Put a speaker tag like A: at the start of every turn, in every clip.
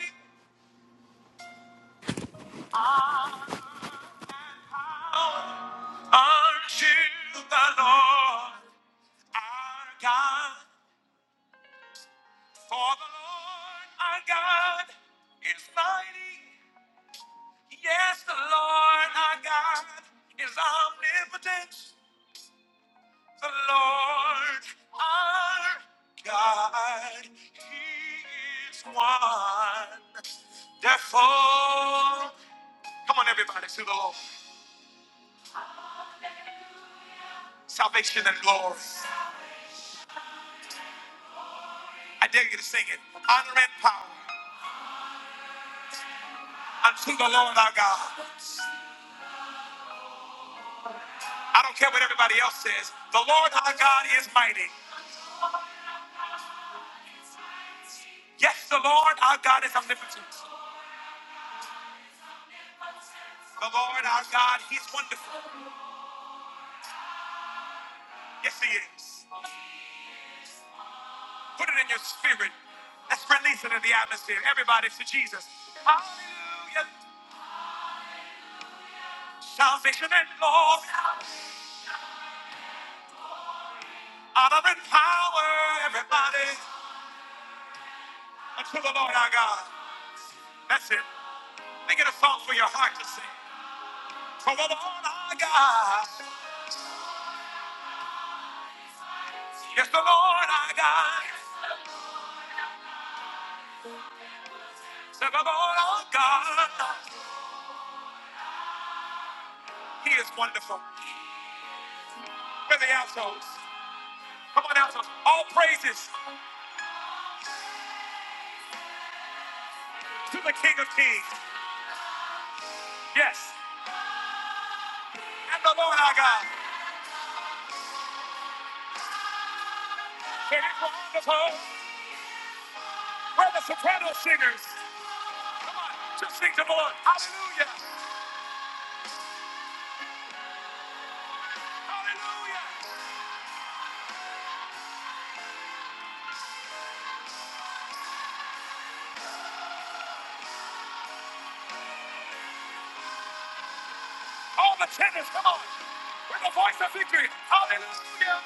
A: unto the Lord our God. For the Lord our God is mighty. Yes, the Lord our God is omnipotent. The Lord our God, He is wonderful. Come on, everybody, to the Lord. Salvation and glory. I dare you to sing it. Honor and power unto the Lord our God. I don't care what everybody else says. The Lord our God is mighty. Yes, the Lord our God is omnipotent. The Lord our God, He's wonderful. Yes, He is. Put it in your spirit. Let's release it in the atmosphere. Everybody to Jesus. Hallelujah. Salvation and glory, honor and power, everybody, unto the Lord our God. That's it. Make it a song for your heart to sing. For the Lord our God. Yes, the Lord our God. Said the Lord our God. He is wonderful. Where the altos. Come on, altos. All praises to the King of Kings. Yes. And the Lord our God. It is wonderful. Where the soprano singers? Come on, just sing to the Lord. Hallelujah. Hallelujah. All the tenors, come on. With the voice of victory. Hallelujah.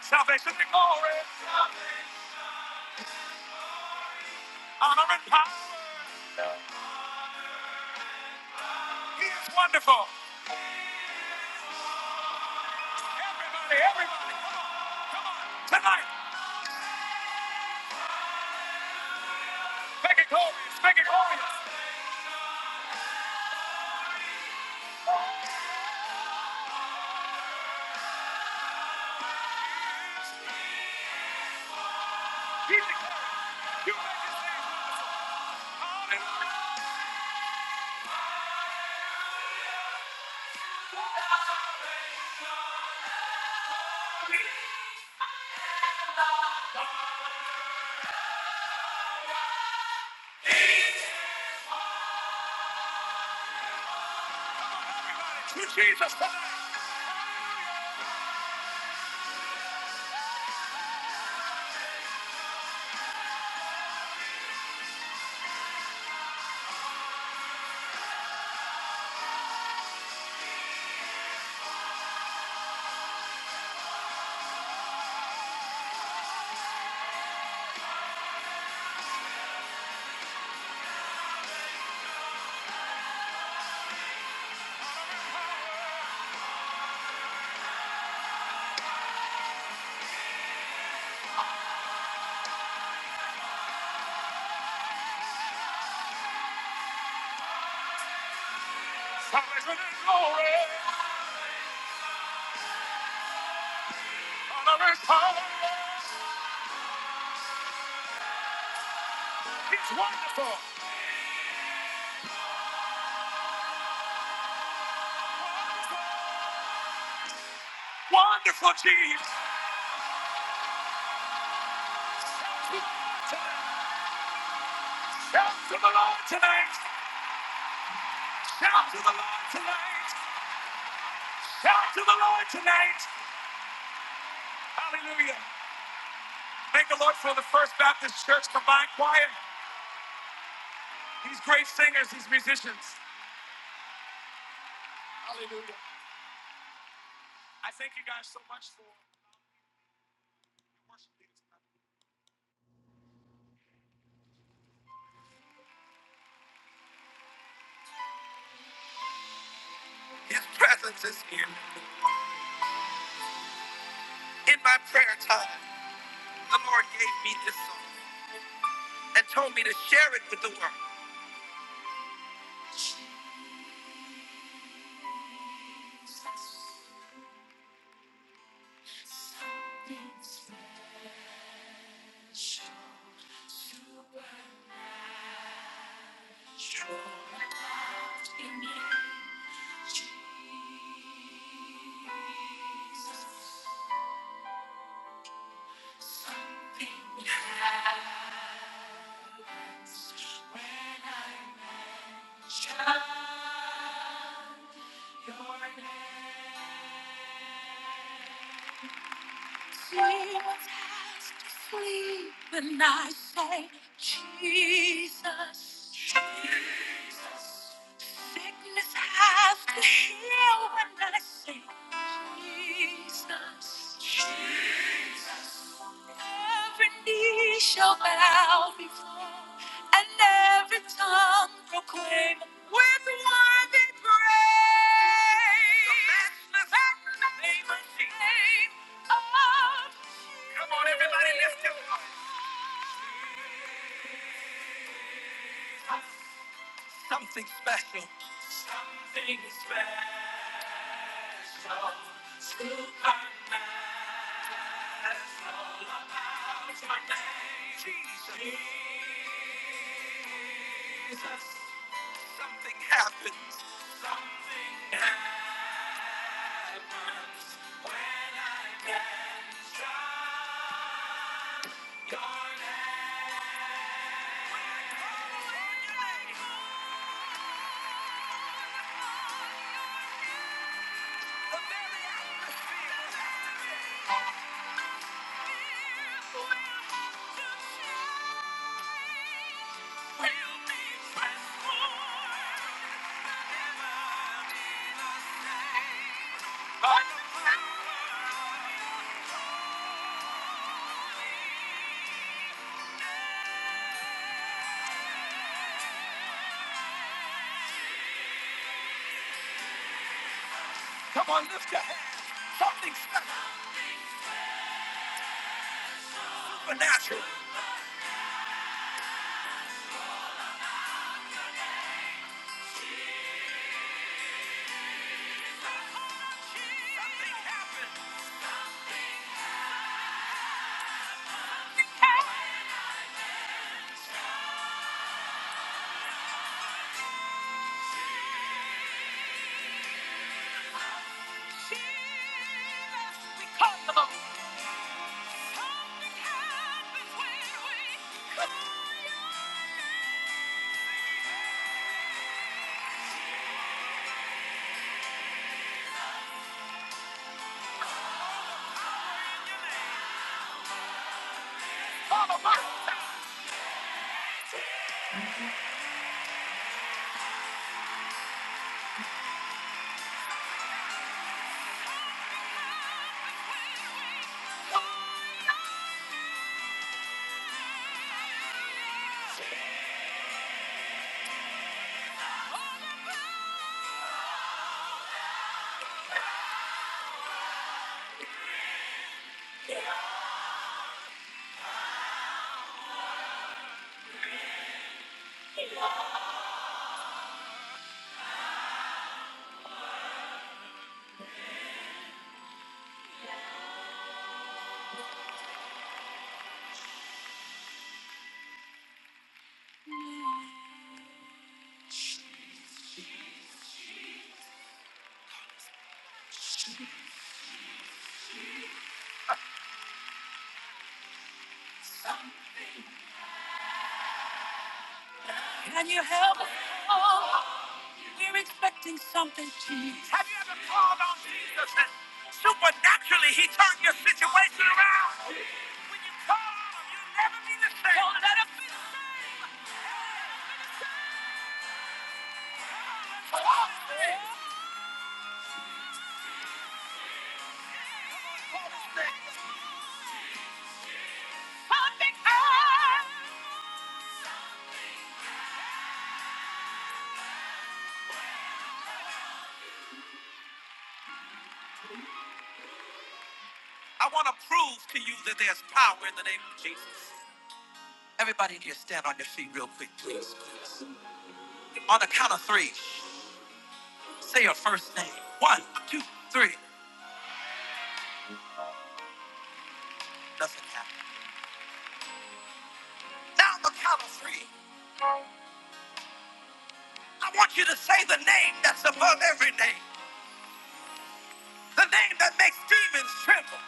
A: Salvation and glory. Honor and power. He is wonderful. Everybody, everybody, come on, come on. Tonight, make it glorious, make it glorious. He's the glorious. You make this thing wonderful. Hallelujah. Everybody, to Jesus tonight. Salvation and glory. Honor and power. He's wonderful. Wonderful Jesus. Shout to the Lord tonight. Shout to the Lord tonight. Shout to the Lord tonight. Shout to the Lord tonight. Hallelujah. Thank the Lord for the First Baptist Church Combined Choir. These great singers, these musicians. Hallelujah. I thank you guys so much for worship leaders. His presence is here. In my prayer time, the Lord gave me this song and told me to share it with the world. Jesus, be the child, your name. She was asked to flee, and I say, Jesus. Sickness has to heal, and I say, Jesus, Jesus. Every knee shall bow before, and every tongue proclaim with worthy praise. The matchless the name of Jesus. name of Come on, everybody, lift your voice. Something special. Something special. Still coming out your name, Jesus. Jesus. Something happened. Something happened. When I tried, God had transformed Come on, lift your hands. Something special, supernatural. Jesus, we call him. Something happens when we- Can you help us? We're expecting something, Jesus. Have you ever called on Jesus and supernaturally he turned your situation around? When you call on him, you'll never be the same. Don't let him be the same. Call him. Call him. I want to prove to you that there's power in the name of Jesus. Everybody in here, stand on your feet real quick, please. please. On the count of three, say your first name. One, two, three. Nothing happened. Now the count of three. I want you to say the name that's above every name. The name that makes demons tremble.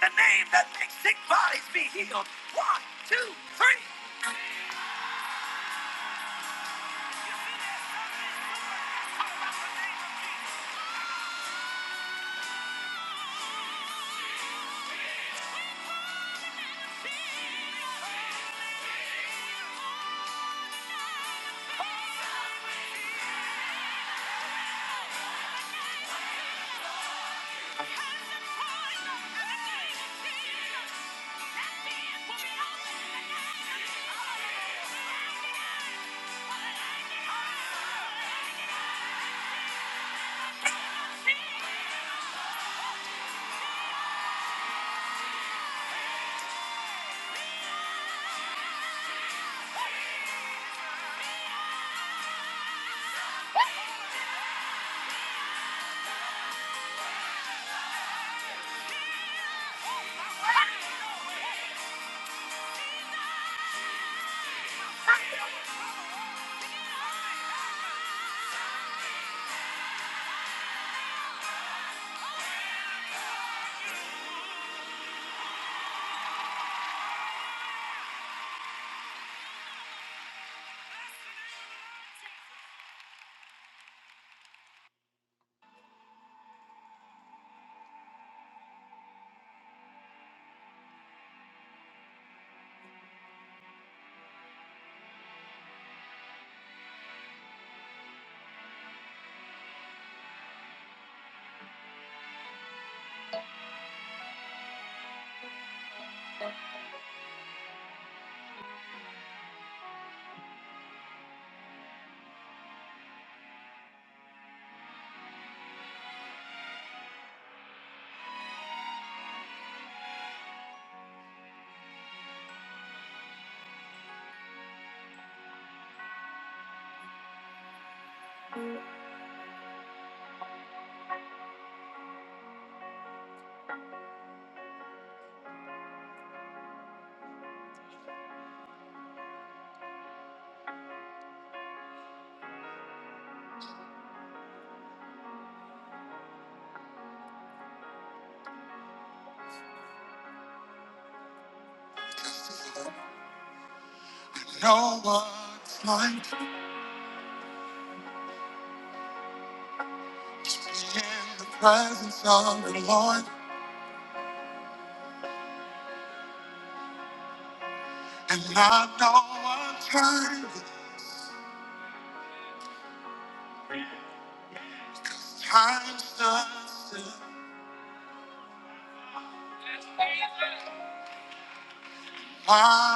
A: The name that makes sick bodies be healed. One, two, three.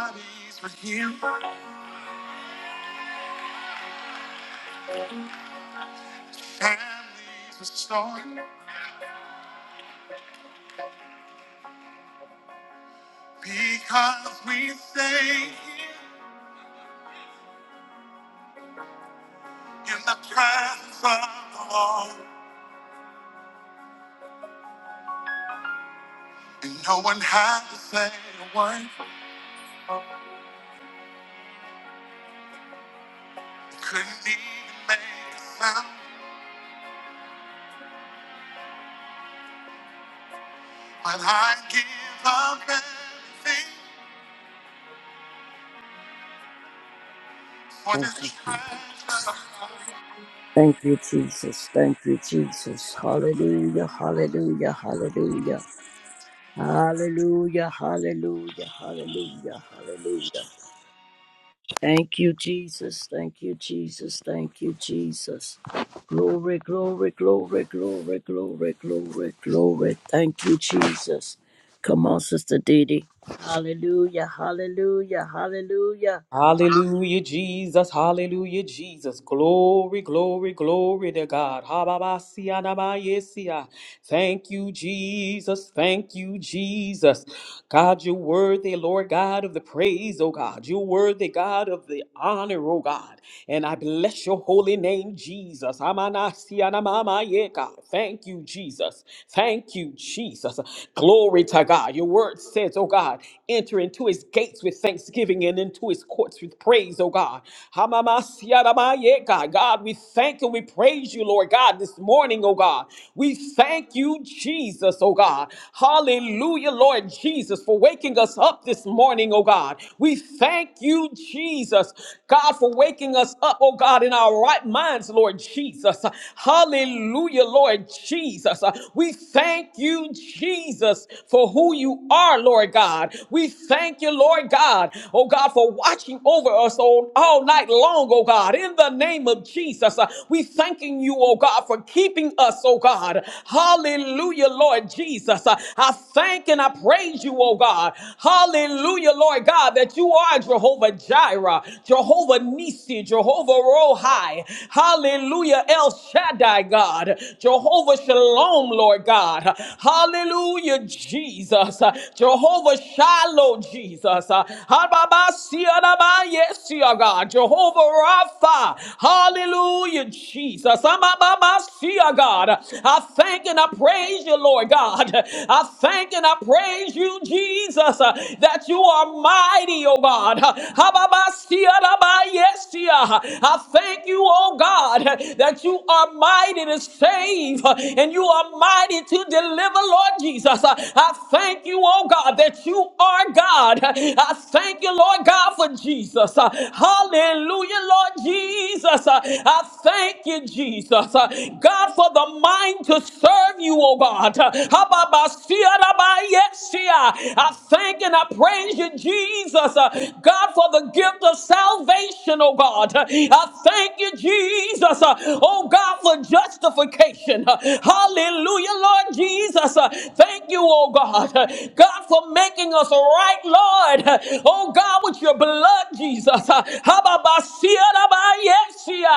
A: Bodies were healed, families restored, because we stay here in the presence of the Lord. And no one had to say a word, couldn't even make a sound. But I give up everything for
B: Thank
A: this
B: you. Jesus.
A: treasure. of mine.
B: Thank you, Jesus. Thank you, Jesus. Hallelujah. Hallelujah. Hallelujah. Hallelujah. Hallelujah. Hallelujah. Hallelujah. Thank you, Jesus. Thank you, Jesus. Thank you, Jesus. Glory, glory, glory, glory, glory, glory, glory. Thank you, Jesus. Come on, Sister Didi. Hallelujah. Hallelujah. Hallelujah.
C: Hallelujah, Jesus. Hallelujah, Jesus. Glory, glory, glory to God. Ha-ba-ba-si-ya-na-ma-ye-si-ya. Thank you, Jesus. Thank you, Jesus. God, you're worthy, Lord God, of the praise, oh God. You're worthy, God, of the honor, oh God. And I bless your holy name, Jesus. Ha-ma-na-si-ya-na-ma-ma-ye, God. Thank you, Jesus. Thank you, Jesus. Glory to God. Your word says, oh God, enter into his gates with thanksgiving and into his courts with praise, oh God. Hamamasiaramaye, God, God, we thank and we praise you, Lord God, this morning, oh God. We thank you, Jesus, oh God. Hallelujah, Lord Jesus, for waking us up this morning, oh God. We thank you, Jesus, God, for waking us up, oh God, in our right minds, Lord Jesus. Hallelujah, Lord Jesus. We thank you, Jesus, for who you are, Lord God. We thank you, Lord God, oh God, for watching watching over us all, all night long, oh God. In the name of Jesus, uh, we thanking you, oh God, for keeping us, oh God. Hallelujah, Lord Jesus. Uh, I thank and I praise you, oh God. Hallelujah, Lord God, that you are Jehovah Jireh, Jehovah Nisi, Jehovah Rohi. Hallelujah, El Shaddai, God. Jehovah Shalom, Lord God. Hallelujah, Jesus. uh, Jehovah Shiloh, Jesus. Hallelujah. Yes, your God. Jehovah Rapha. Hallelujah, Jesus. Amababa, See, your God. I thank and I praise you, Lord God. I thank and I praise you, Jesus, uh, that you are mighty, oh God. Hababa, See, Adaba, Yes, See, uh, I thank you, oh God, that you are mighty to save uh, and you are mighty to deliver, Lord Jesus. Uh, I thank you, oh God, that you are God. I thank you, Lord God, for for Jesus. Uh, Hallelujah, Lord Jesus. Uh, I thank you, Jesus. Uh, God, for the mind to serve you, oh God. Uh, I thank and I praise you, Jesus. Uh, God, for the gift of salvation, oh God. Uh, I thank you, Jesus. Uh, Oh God, for justification. Uh, Hallelujah, Lord Jesus. Uh, Thank you, oh God. Uh, God, for making us right, Lord. Uh, Oh God, with your blood blood, Jesus. Uh, Hababasiyarabayesia.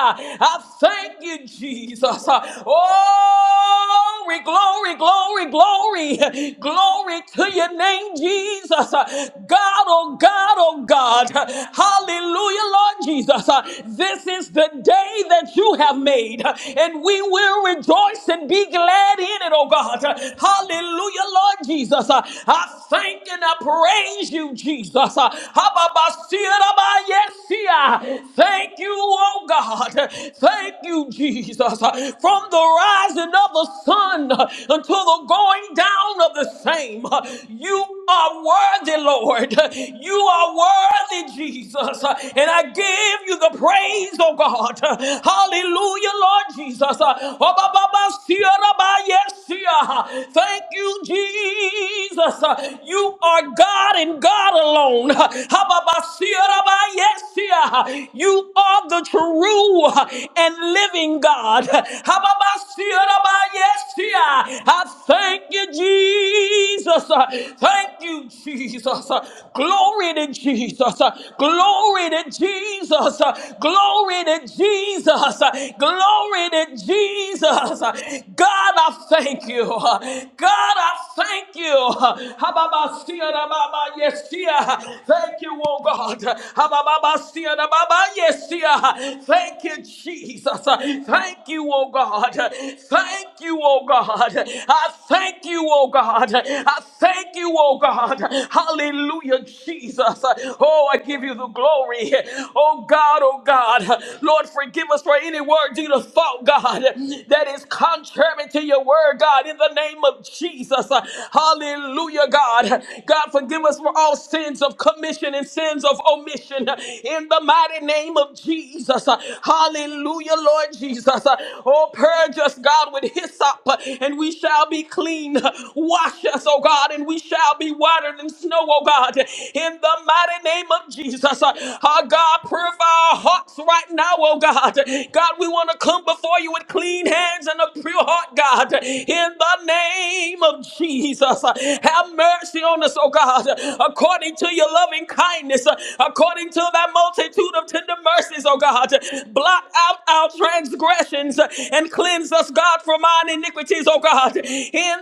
C: I thank you, Jesus. Oh, Glory, glory, glory, glory, glory to your name, Jesus. Uh, God, oh God, oh God. Uh, Hallelujah, Lord Jesus. Uh, This is the day that you have made, uh, and we will rejoice and be glad in it, oh God. Uh, Hallelujah, Lord Jesus. Uh, I thank and I praise you, Jesus. Uh, Thank you, oh God. Thank you, Jesus. From the rising of the sun until the going down of the same, you are worthy, Lord. You are worthy, Jesus. And I give you the praise, oh God. Hallelujah, Lord Jesus. Oh, ba, ba, ba, yes, Thank you, Jesus. You are God and God alone. Hababasiyarabayesia. You are the true and living God. Hababasiyarabayesia. I thank you, Jesus. Thank you, Jesus. Glory to Jesus. Glory to Jesus. Glory to Jesus. Glory to Jesus. God, I thank you. God, I thank you. Hababasiyarababa- Yes, Thank you, oh God. Hababasia da baba yesia. Thank you, Jesus. Thank you, oh God. Thank you, oh God. I thank you, oh God. I thank you, oh God. Hallelujah, Jesus. Oh, I give you the glory. Oh God, oh God. Lord, forgive us for any word, deed, or thought, God, that is contrary to your word, God, in the name of Jesus. Hallelujah, God. God, forgive us for all sins of commission and sin sins of omission uh, in the mighty name of Jesus. Uh, Hallelujah, Lord Jesus. Uh, Oh, purge us, God, with hyssop, uh, and we shall be clean. Uh, Wash us, oh God, and we shall be whiter than snow, oh God, in the mighty name of Jesus. Uh, Our God, purify our hearts right now, oh God. God, we want to come before you with clean hands and a pure heart, God, in the name of Jesus. Uh, Have mercy on us, oh God, according to your loving kindness brokenness, uh, according to thy multitude of tender mercies, oh God. Blot out our transgressions uh, and cleanse us, God, from our iniquities, oh God. In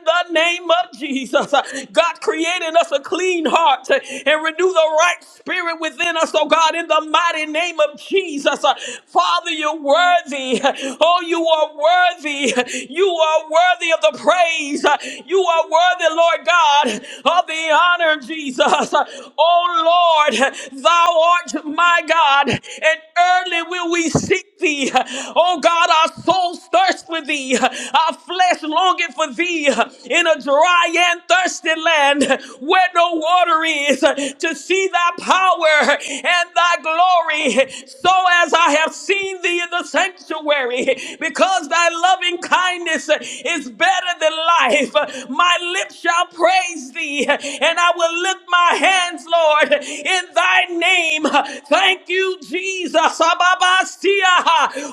C: the name of Jesus, uh, God created us a clean heart uh, and renew the right spirit within us, oh God, in the mighty name of Jesus. Uh, Father, you're worthy. Oh, you are worthy. You are worthy of the praise. Uh, You are worthy, Lord God, of the honor, Jesus. Uh, Oh, Lord. Thou art my God, and early will we seek thee. Oh God, our souls thirst for thee, our flesh longeth for thee in a dry and thirsty land where no water is, to see thy power and thy glory. So as I have seen thee in the sanctuary, because thy loving kindness is better than life, my lips shall praise thee, and I will lift my hands, Lord, in in thy name. Thank you, Jesus. Ababastia.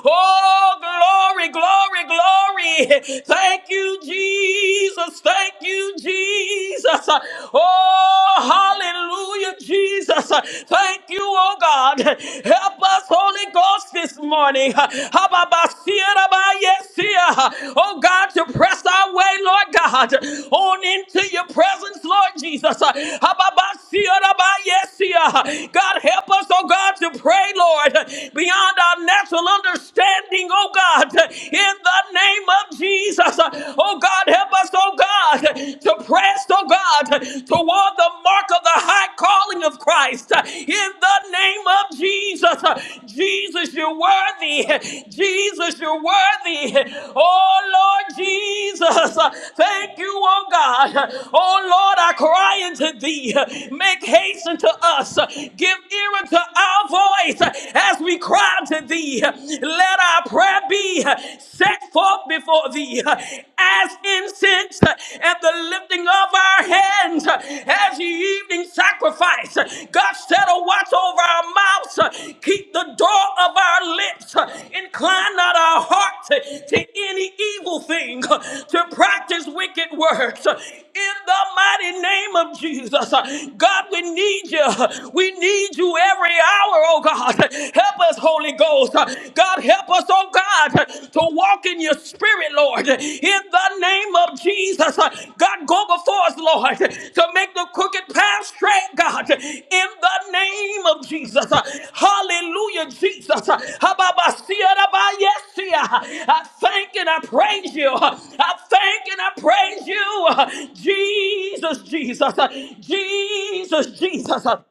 C: Oh, glory, glory, glory. Thank you, Jesus. Thank you, Jesus. Oh, hallelujah, Jesus. Thank you, oh God. Help us, Holy Ghost, this morning. Hababastia, rabayesia. Oh God, to press our Way, Lord God, on into your presence, Lord Jesus. Uh, Hababasiya rabayesiya. God, help us, oh God, to pray, Lord, beyond our natural understanding, oh God, in the name of Jesus. Uh, Oh God, help us, oh God, to press, oh God, toward the mark of the high calling of Christ. Uh, In the name of Jesus, Jesus, you're worthy. Jesus, you're worthy. Oh, Lord Jesus, thank you, oh God. Oh, Lord, I cry unto thee. Make haste unto us. Give ear unto our voice as we cry unto thee. Let our prayer be set forth before thee as incense and the lifting of our hands hands uh, as the evening sacrifice. God said, "A watch over our mouths, uh, keep the door of our lips, uh, incline not our heart to, to any evil thing, uh, to practice wicked works." Uh, In the mighty name of Jesus, uh, God, we need you. We need you every hour, oh God. Help us, Holy Ghost. God, help us, oh God to walk in your spirit, Lord. In the name of Jesus, God, go before us, Lord, to make the crooked path straight, God. In the name of Jesus. Hallelujah, Jesus. I thank and I praise you. I thank and I praise you. Jesus, Jesus, Jesus, Jesus.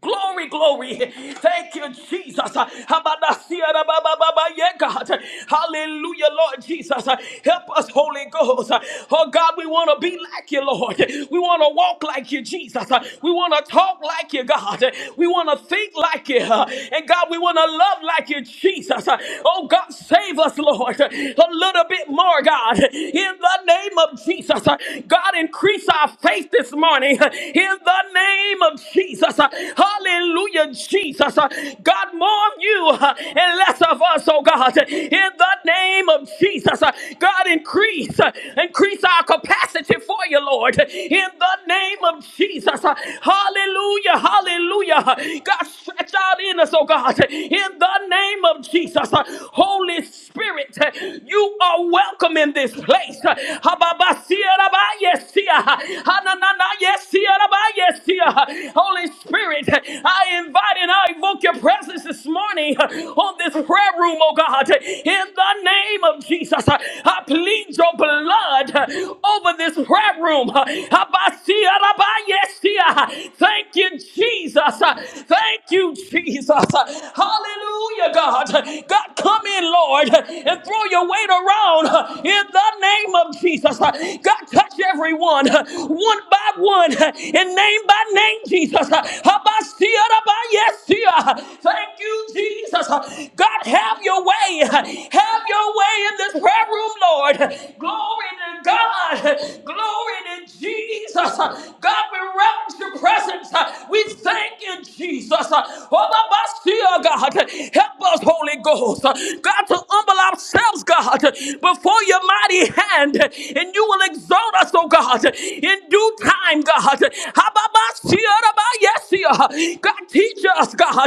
C: Glory, glory. Thank you, Jesus. Habadasiyarabababa, Yeah, God. Hallelujah, Lord Jesus. Help us, Holy Ghost. Oh, God, we want to be like you, Lord. We want to walk like you, Jesus. We want to talk like you, God. We want to think like you. And, God, we want to love like you, Jesus. Oh, God, save us, Lord, a little bit more, God. In the name of Jesus. God, increase our faith this morning. In the name of Jesus. Hallelujah, Jesus. Uh, God, more of you uh, and less of us, oh God. In the name of Jesus, Uh, God, increase, uh, increase our capacity for you, Lord. In the name of Jesus. Uh, Hallelujah, hallelujah. God, stretch out in us, oh God. In the name of Jesus. Uh, Holy Spirit, uh, you are welcome in this place. Uh, Hababasia, rabayesia. Hananana, yesia, rabayesia. Holy Holy Spirit, I invite and I invoke your presence this morning uh, on this prayer room, oh God. In the name of Jesus, I plead your blood uh, over this prayer room. Abasia, rabayesia. Thank you, Jesus. Uh, Thank you, Jesus. Hallelujah, God. God, come in, Lord, and throw your weight around in the name of Jesus. God, touch everyone one by one and name by name, Jesus. Habasia, rabayesia. Thank you, Jesus. God, have your way. Have your way in this prayer room, Lord. Glory to God. Glory to Jesus. God, God, we reverence your presence. Uh, We thank you, Jesus. Uh, Oh, my my, oh, God, help us, Holy Ghost. Uh, God, to humble ourselves, God, before your mighty hand, and you will exalt us, oh God, in due time, God. How about my, oh, my, Yes, see, oh. God, teach us, God, how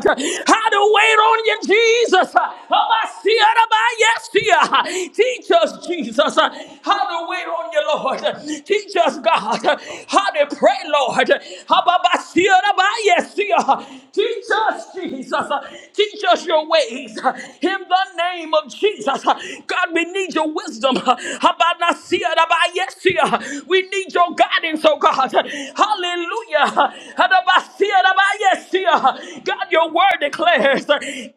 C: to wait on you, Jesus. How about, see, oh, my, Yes, see, oh. Teach us, Jesus, how to the weight on you, Lord. Teach us, God, how to pray, Lord. Teach us, Jesus. Teach us your ways. In the name of Jesus. God, we need your wisdom. We need your guidance, oh God. Hallelujah. God, your word declares,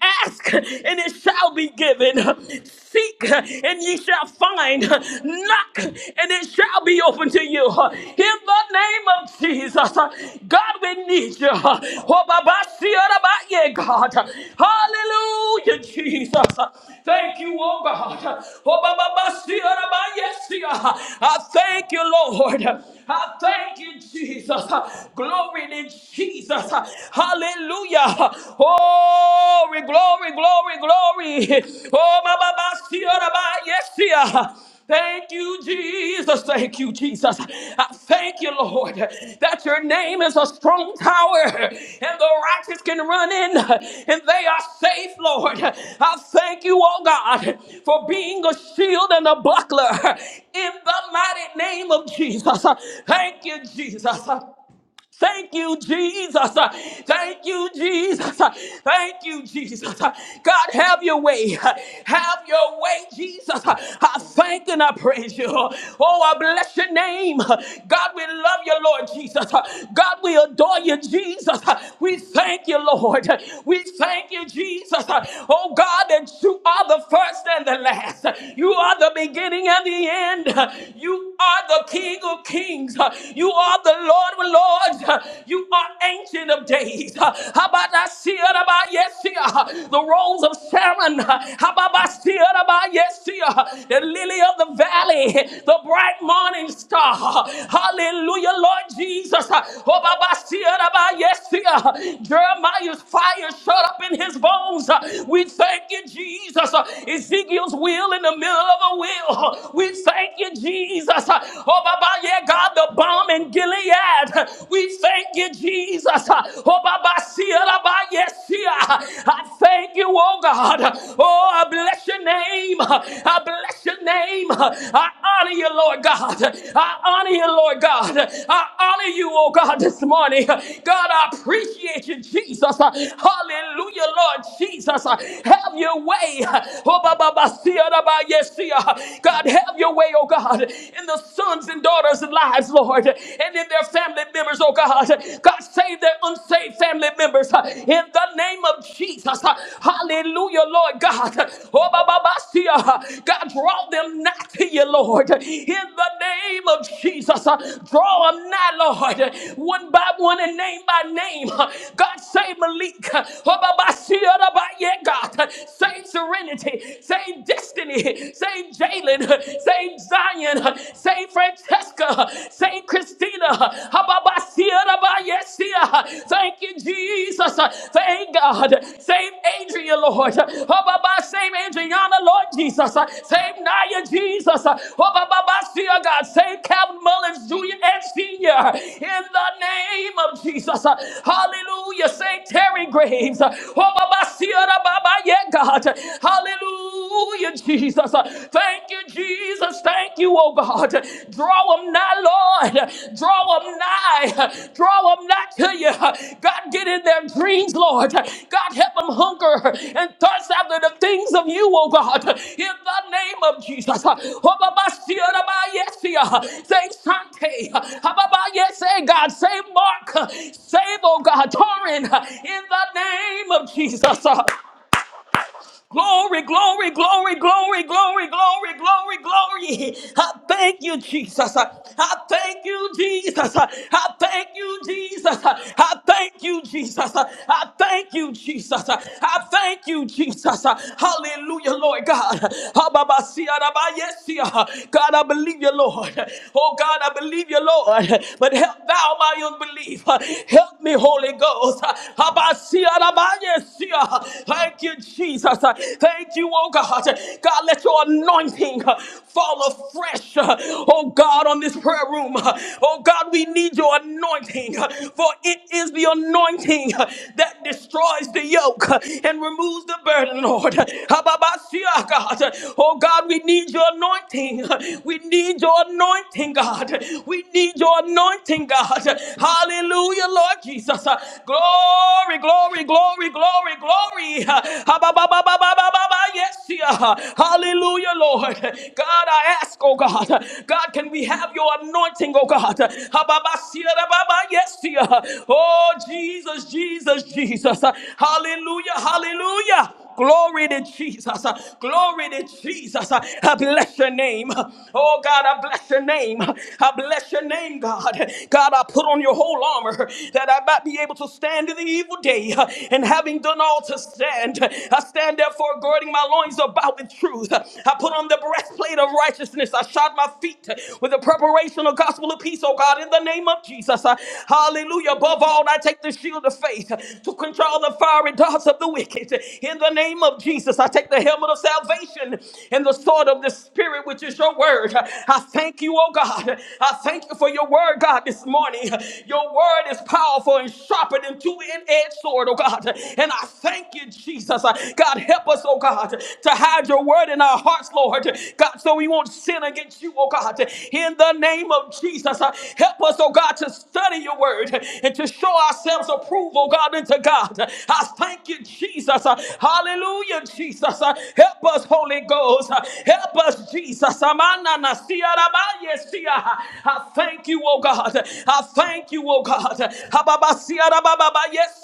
C: ask and it shall be given given. Seek and ye shall find. Knock and it shall be open to you. In the name of Jesus, God, we need you. Oh, Baba, see it about you, God. Hallelujah, Jesus. Thank you, oh God. Oh, Baba, see it about you, see it. I thank you, Lord. I thank you, Jesus. Glory to Jesus. Hallelujah. Oh, we glory, glory, glory. Oh, my Baba, see yes, see Thank you, Jesus. Thank you, Jesus. I thank you, Lord, that your name is a strong tower and the righteous can run in and they are safe, Lord. I thank you, oh God, for being a shield and a buckler in the mighty name of Jesus. Thank you, Jesus. Thank you, Jesus. Thank you, Jesus. Thank you, Jesus. God, have your way. Have your way, Jesus. I thank and I praise you. Oh, I bless your name. God, we love you, Lord Jesus. God, we adore you, Jesus. We thank you, Lord. We thank you, Jesus. Oh, God, that you are the first and the last. You are the beginning and the end. You are the King of kings. You you are the Lord of Lords. You are ancient of days. How about I see it about yes, here? The rose of Sharon. How about I see it about yes, here? The lily of the valley. The bright morning star. Hallelujah, Lord Jesus. Oh, Baba, see it about yes, here. Jeremiah's fire shut up in his bones. We thank you, Jesus. Ezekiel's will in the middle of a will. We thank you, Jesus. Oh, Baba, yeah, God, the bomb in Gilead. We thank you, Jesus. Oh, Baba, see Baba, yes, see I thank you, oh God. Oh, I bless your name. I bless your name. I honor you, Lord God. I honor you, Lord God. I honor you, oh God, this morning. God, I appreciate you, Jesus. Hallelujah, Lord Jesus. Have your way. Oh, Baba, see Baba, yes, see God, have your your way, oh God, in the sons and daughters' lives, Lord, and in their family members, oh God. God, save their unsaved family members uh, in the name of Jesus. Uh, Hallelujah, Lord God. Oh, ba, ba, ba, see, uh, God, draw them nigh to you, Lord, in the name of Jesus. Uh, Draw them nigh, Lord, one by one and name by name. Uh, God, save Malik. Uh, Oh, ba, ba, see, uh, ba, yeah, God. Save serenity. Save destiny. Mary, save Jalen, save Zion, save Francesca, save Christina. Hababasia, rabayesia. Thank you, Jesus. Thank God. Save Adrian, Lord. Hababa, Save Adriana, Lord Jesus. Save Naya, Jesus. Hababasia, God. Save Calvin Mullins, Jr. and Senior. In the name of Jesus. Hallelujah. Save Terry Graves. Hababasia, rababa, yeah, God. Hallelujah, Jesus. Thank you, Jesus. Thank you, oh God. Draw them nigh, Lord. Draw them nigh. Draw them nigh to you. God, get in their dreams, Lord. God, help them hunger and thirst after the things of you, oh God. In the name of Jesus. Say, Sante. Say, God. Say, Mark. Save, oh God. Torrin. In the name of Jesus. Glory, glory, glory, glory, glory, glory, glory, glory. I thank you, Jesus. I I thank you, Jesus. I I thank you, Jesus. I I thank you, Jesus. I I thank you, Jesus. I I thank you, Jesus. Hallelujah, Lord God. Ha, ba, ba, si, ah, da, ba, yes, si, ah. God, I believe you, Lord. Oh, God, I believe you, Lord. But help thou my unbelief. Help me, Holy Ghost. Ha, ba, si, ah, da, ba, Yes, yeah. Thank you, Jesus. Thank you, oh God. God, let your anointing fall afresh, oh God, on this prayer room. Oh God, we need your anointing, for it is the anointing that destroys the yoke and removes the burden, Lord. Hababasia, God. Oh God, we need your anointing. We need your anointing, God. We need your anointing, God. Hallelujah, Lord Jesus. Glory, glory, glory, glory, glory. Ha, ba, ba, ba, ba, Yes, yeah. hallelujah, Lord. God, I ask, oh God, God, can we have your anointing, oh God? Ha, ba, ba, si, Yes, yeah. oh Jesus, Jesus, Jesus. Hallelujah, hallelujah. Glory to Jesus. Glory to Jesus. I bless your name. Oh God, I bless your name. I bless your name, God. God, I put on your whole armor that I might be able to stand in the evil day. And having done all to stand, I stand therefore girding my loins about with truth. I put on the breastplate of righteousness. I shod my feet with the preparation of gospel of peace, oh God, in the name of Jesus. Hallelujah. Above all, I take the shield of faith to quench all the fiery darts thoughts of the wicked. In the name of Jesus, I take the helmet of salvation and the sword of the Spirit, which is your word. I thank you, oh God. I thank you for your word, God, this morning. Your word is powerful and sharper than two-edged sword, oh God. And I thank you, Jesus. God, help us, oh God, to hide your word in our hearts, Lord. God, so we won't sin against you, oh God. In the name of Jesus, help us, oh God, to study your word and to show ourselves approval, God, unto to God. I thank you, Jesus. Hallelujah, Jesus. Help us, Holy Ghost. Help us, Jesus. I thank you, oh God. I thank you, oh God. Hababa yes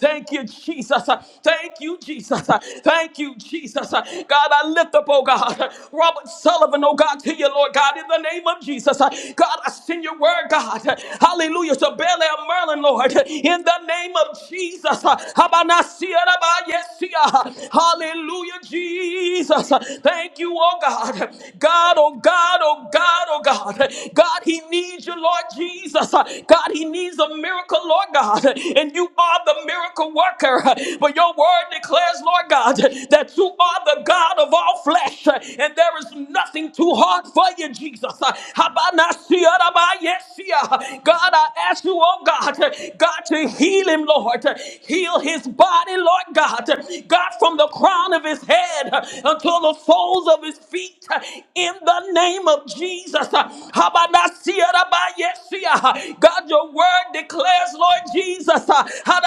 C: Thank you, Jesus. Thank you, Jesus. Thank you, Jesus. God, I lift up, oh God, Robert Sullivan, oh God, to you, Lord God, in the name of Jesus. God, I send your word, God. Hallelujah. To Bel Air, Maryland, Lord. Lord, in the name of Jesus. Habanasiarabayesia. Hallelujah, Jesus. Thank you, oh God. God, oh God, oh God, oh God. God, He needs you, Lord Jesus. God, He needs a miracle, Lord God. And you are the miracle worker. But your word declares, Lord God, that you are the God of all flesh. And there is nothing too hard for you, Jesus. Habanasiarabayesia. God, I ask you, oh God, God, to heal him, Lord. Heal his body, Lord God. God, from the crown of his head until the soles of his feet, in the name of Jesus. Habanasiarabayesia. God, your word declares, Lord Jesus, Hadanasiarabayesia,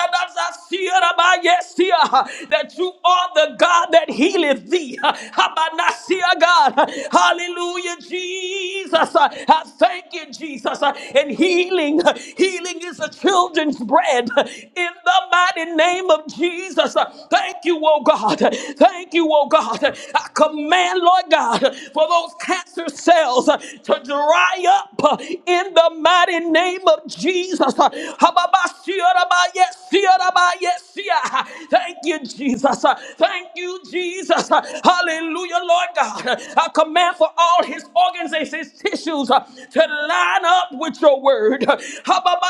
C: that you are the God that healeth thee. Habanasia, God. Hallelujah, Jesus. I thank you, Jesus and healing. Healing is the children's bread in the mighty name of Jesus. Thank you, oh God. Thank you, oh God. I command, Lord God, for those cancer cells to dry up in the mighty name of Jesus. Thank you, Jesus. Thank you, Jesus. Hallelujah, Lord God. I command for all his organs and his tissues to line up with your word. Hababasiraba,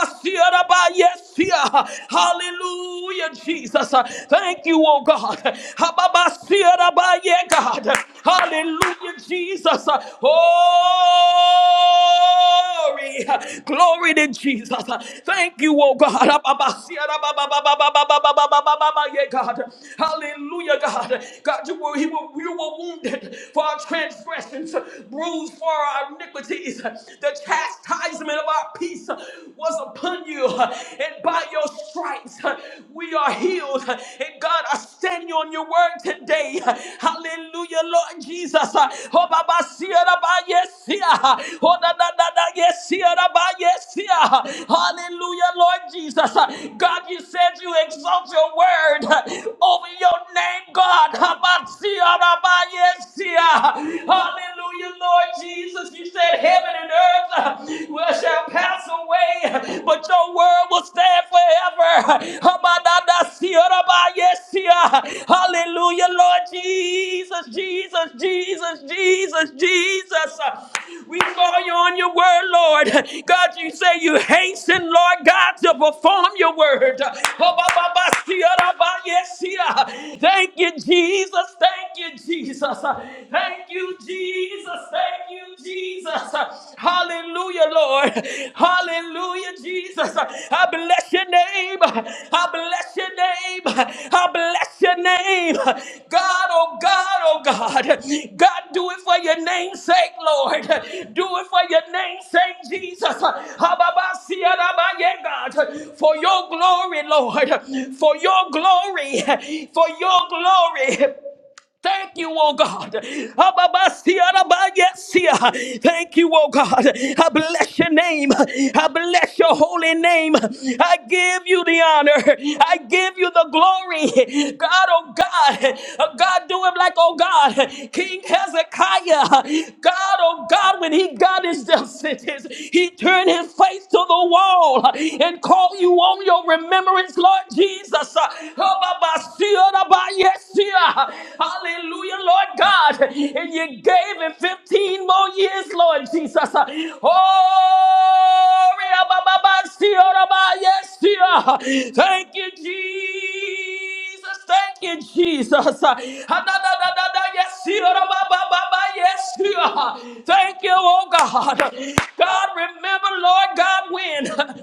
C: Yes, yeah. hallelujah, Jesus. Thank you, oh God. Hababasiraba, Yeah, God. Hallelujah, Jesus. Glory, glory to Jesus. Thank you, oh God. Hababasiraba, Yeah, God. Hallelujah, God. God, you were, he were, you were wounded for our transgressions, bruised for our iniquities. The chastisement of our peace was upon you, and by your stripes we are healed. And God, I stand on your word today. Hallelujah, Lord Jesus. Oh, Baba, see it about yes, see it. Oh, da, da, da, da, yes, see it about yes, see it. Hallelujah, Lord Jesus. God, you said you exalt your word over your name, God. Haba Habatsiarabayesia. Hallelujah, Lord Jesus. You said heaven and earth uh, will shall pass away, but your word will stand forever. Habadadasiyarabayesia. Hallelujah, Lord Jesus, Jesus, Jesus, Jesus, Jesus. We call you on your word, Lord. God, you say you hasten, Lord God, to perform your word. Habababasiyarabayesia. Thank you, Jesus. Thank you, Jesus. Jesus. Thank you, Jesus. Thank you, Jesus. Hallelujah, Lord. Hallelujah, Jesus. I bless your name. I bless your name. I bless your name. God, oh God, oh God. God, do it for your name's sake, Lord. Do it for your name's sake, Jesus. Hababasiyarabaye, God. For your glory, Lord. For your glory. For your glory. Thank you, oh God. Ababasiaraba, yes, yeah. Thank you, oh God. I bless your name. I bless your holy name. I give you the honor. I give you the glory. God, oh God. Uh, God, do it like, oh God. King Hezekiah. God, oh God, when he got his death sentence, he turned his face to the wall and called you on your remembrance, Lord Jesus. Oh, Baba, see, oh, Baba, yes, ah. Hallelujah, Lord God. And you gave him 15 more years, Lord Jesus. Oh, Ria, Baba, Baba, oh, Baba, yes, ah. Thank you, Jesus. Thank you, Jesus. Ah, da, da, da, da, da, Yes, oh, Baba, Baba, Baba, yes, ah. Thank you, oh God. God, remember, Lord God, when.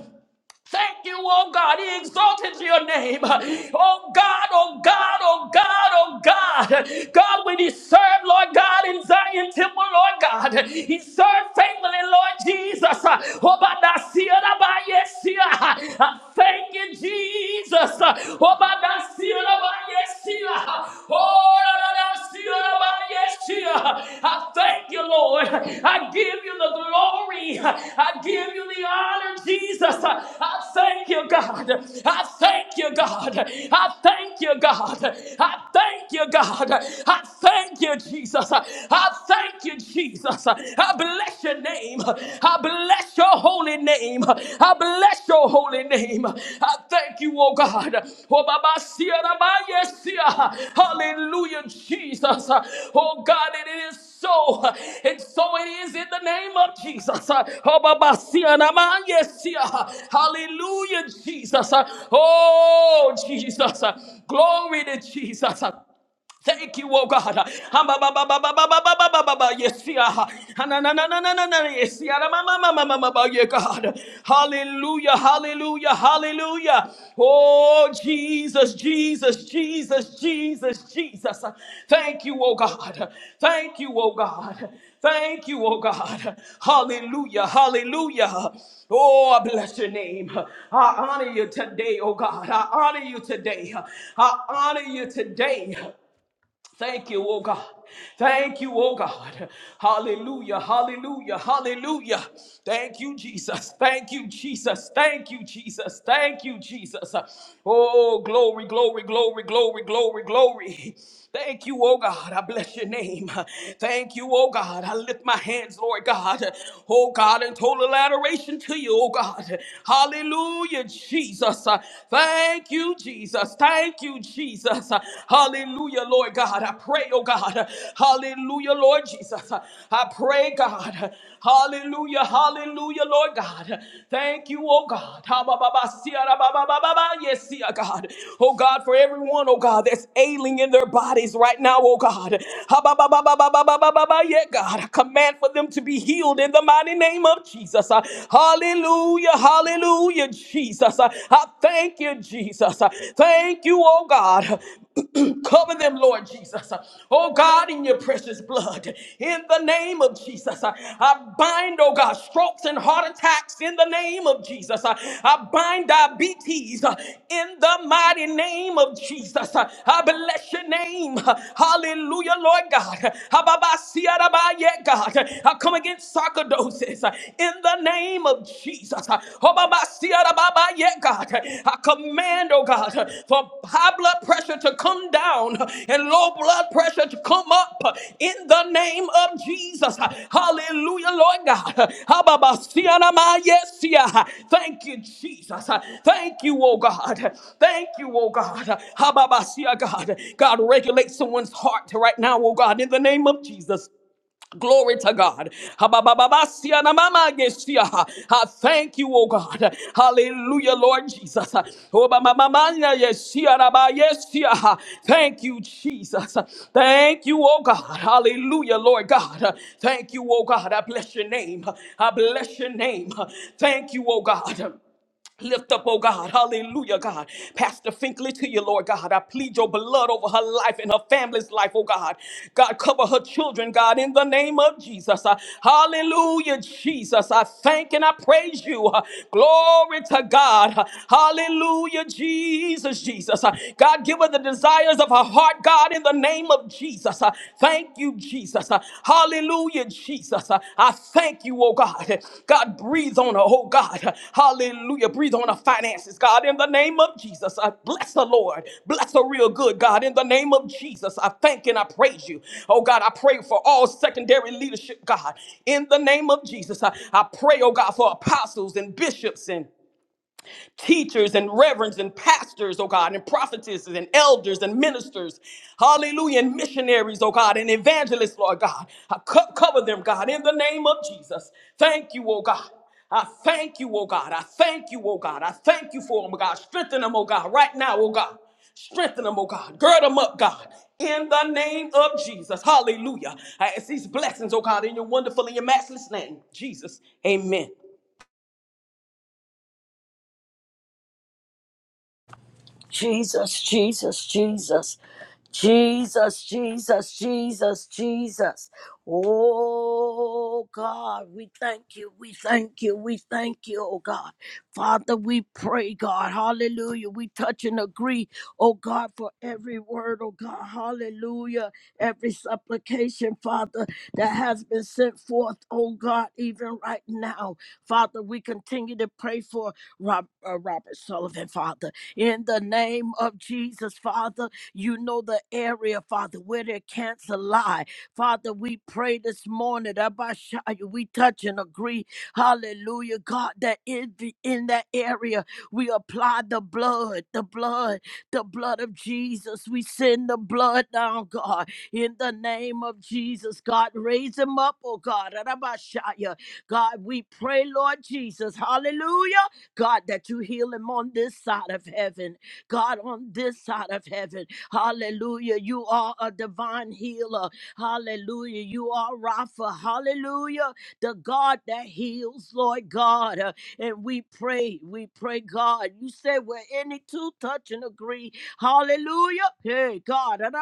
C: Thank you, oh God. He exalted your name. Oh God, oh God, oh God, oh God. God, when he served, Lord God, in Zion temple, Lord God, he served faithfully, Lord Jesus. Oh, but I see it, I yes, see it. I Thank you, Jesus. Oh, but I see it, I yes, see it. Oh, I thank you, Lord. I give you the glory. I give you the honor, Jesus. I thank you, God. I thank you, God. I thank you, God. I thank you, God. I thank you, Jesus. I thank you, Jesus. I bless your name. I bless your holy name name. I bless your holy name. I thank you, oh God. Oh, Baba, Sia, Rabba, yes, Sia. Hallelujah, Jesus. Oh God, it is so. And so it is in the name of Jesus. Oh, Baba, Sia, Rabba, yes, Sia. Hallelujah, Jesus. Oh, Jesus. Glory to Jesus. Thank you, oh God. Ah, ba, ba, ba, ba, ba, ba, ba, ba, ba, ba, ba, Yes, yeah. Ah, na, na, na, na, na, na, na, yes, yeah. Ah, ma, ma, ma, ma, ma, ma, ma, yeah, God. Hallelujah, hallelujah, hallelujah. Oh, Jesus, Jesus, Jesus, Jesus, Jesus. Thank you, oh God. Thank you, oh God. Thank you, oh God. Hallelujah, hallelujah. Oh, I bless your name. I honor you today, oh God. I honor you today. I honor you today. Thank you, oh God. Thank you, oh God. Hallelujah, hallelujah, hallelujah. Thank you, Jesus. Thank you, Jesus. Thank you, Jesus. Thank you, Jesus. Oh, glory, glory, glory, glory, glory, glory. Thank you, oh God. I bless your name. Thank you, oh God. I lift my hands, Lord God. Oh God, in total adoration to you, oh God. Hallelujah, Jesus. Thank you, Jesus. Jesus. Thank you, Jesus. Hallelujah, Lord God. I pray, oh God. Hallelujah, Lord Jesus. I pray, God. Hallelujah, hallelujah, Lord God. Thank you, oh God. Ha, ba, ba, ba, si, ah, da, ba, ba, ba, ba, ba, Yes, see, ah, God. Oh God, for everyone, oh God, that's ailing in their bodies right now, oh God. Ha, ba, ba, ba, ba, ba, ba, ba, ba, ba, ba, Yeah, God. I command for them to be healed in the mighty name of Jesus. Ah, Hallelujah, hallelujah. Jesus. I thank you, Jesus. Thank you, oh God. Cover them, Lord Jesus. Oh God, in your precious blood. In the name of Jesus. I bind, oh God, strokes and heart attacks in the name of Jesus. I bind diabetes uh, in the mighty name of Jesus. I I bless your name. Hallelujah, Lord God. Hababasiarabaye, God. I come against sarcoidosis in the name of Jesus. Oh, Baba, see, ah, Baba, yeah, God. I command, oh God, for high blood pressure to come down and low blood pressure to come up in the name of Jesus. Hallelujah, Lord God. Ah, Baba, see, ah, yes, see, ah. Thank you, Jesus. Thank you, oh God. Thank you, oh God. Ah, Baba, see, ah, God. God, regulate someone's heart right now, oh God, in the name of Jesus. Glory to God. Hababababasia na mama gesia. I thank you, oh God. Hallelujah, Lord Jesus. Oh, ba- ma- ma- na ba yesia. Thank you, Jesus. Thank you, oh God. Hallelujah, Lord God. Thank you, oh God. I bless your name. I bless your name. Thank you, oh God. Lift up, oh God, hallelujah, God. Pastor Finkley to you, Lord God. I plead your blood over her life and her family's life, oh God. God, cover her children, God, in the name of Jesus. Uh, hallelujah, Jesus. I thank and I praise you. Uh, glory to God. Uh, hallelujah, Jesus, Jesus. Uh, God, give her the desires of her heart, God, in the name of Jesus. Uh, Thank you, Jesus. Uh, Hallelujah, Jesus. Uh, I thank you, oh God. God, breathe on her, oh God. Hallelujah. Breathe on her finances, God, in the name of Jesus. I bless the Lord. Bless her real good, God, in the name of Jesus. I thank and I praise you. Oh God, I pray for all secondary leadership, God, in the name of Jesus. I, I pray, oh God, for apostles and bishops and teachers and reverends and pastors, oh God, and prophetesses and elders and ministers, hallelujah, and missionaries, oh God, and evangelists, Lord God. I co- cover them, God, in the name of Jesus. Thank you, oh God. I thank you, oh God. I thank you, oh God. I thank you for them, oh God. Strengthen them, oh God, right now, oh God. Strengthen them, oh God. Gird them up, God. In the name of Jesus. Hallelujah. I ask these blessings, oh God, in your wonderful and your matchless name. Jesus. Amen.
B: Jesus, Jesus, Jesus. Jesus, Jesus, Jesus, Jesus. Oh God, we thank you, we thank you, we thank you, oh God. Father, we pray, God, hallelujah. We touch and agree, oh God, for every word, oh God, hallelujah. Every supplication, Father, that has been sent forth, oh God, even right now. Father, we continue to pray for Rob, uh, Robert Sullivan, Father in the name of Jesus, Father. You know the area, Father, where their cancer lie. Father, we pray this morning, Abashaya, we touch and agree, hallelujah, God, that in, the, in that area, we apply the blood, the blood, the blood of Jesus. We send the blood down, God, in the name of Jesus, God, raise him up, oh God, Abashaya. God, we pray, Lord Jesus, hallelujah, God, that you heal him on this side of heaven. God, on this side of heaven. Hallelujah. You are a divine healer. Hallelujah. You are Rapha. Hallelujah. The God that heals, Lord God. Uh, And we pray, we pray, God. You say where any two touch and agree. Hallelujah. Hey, God. And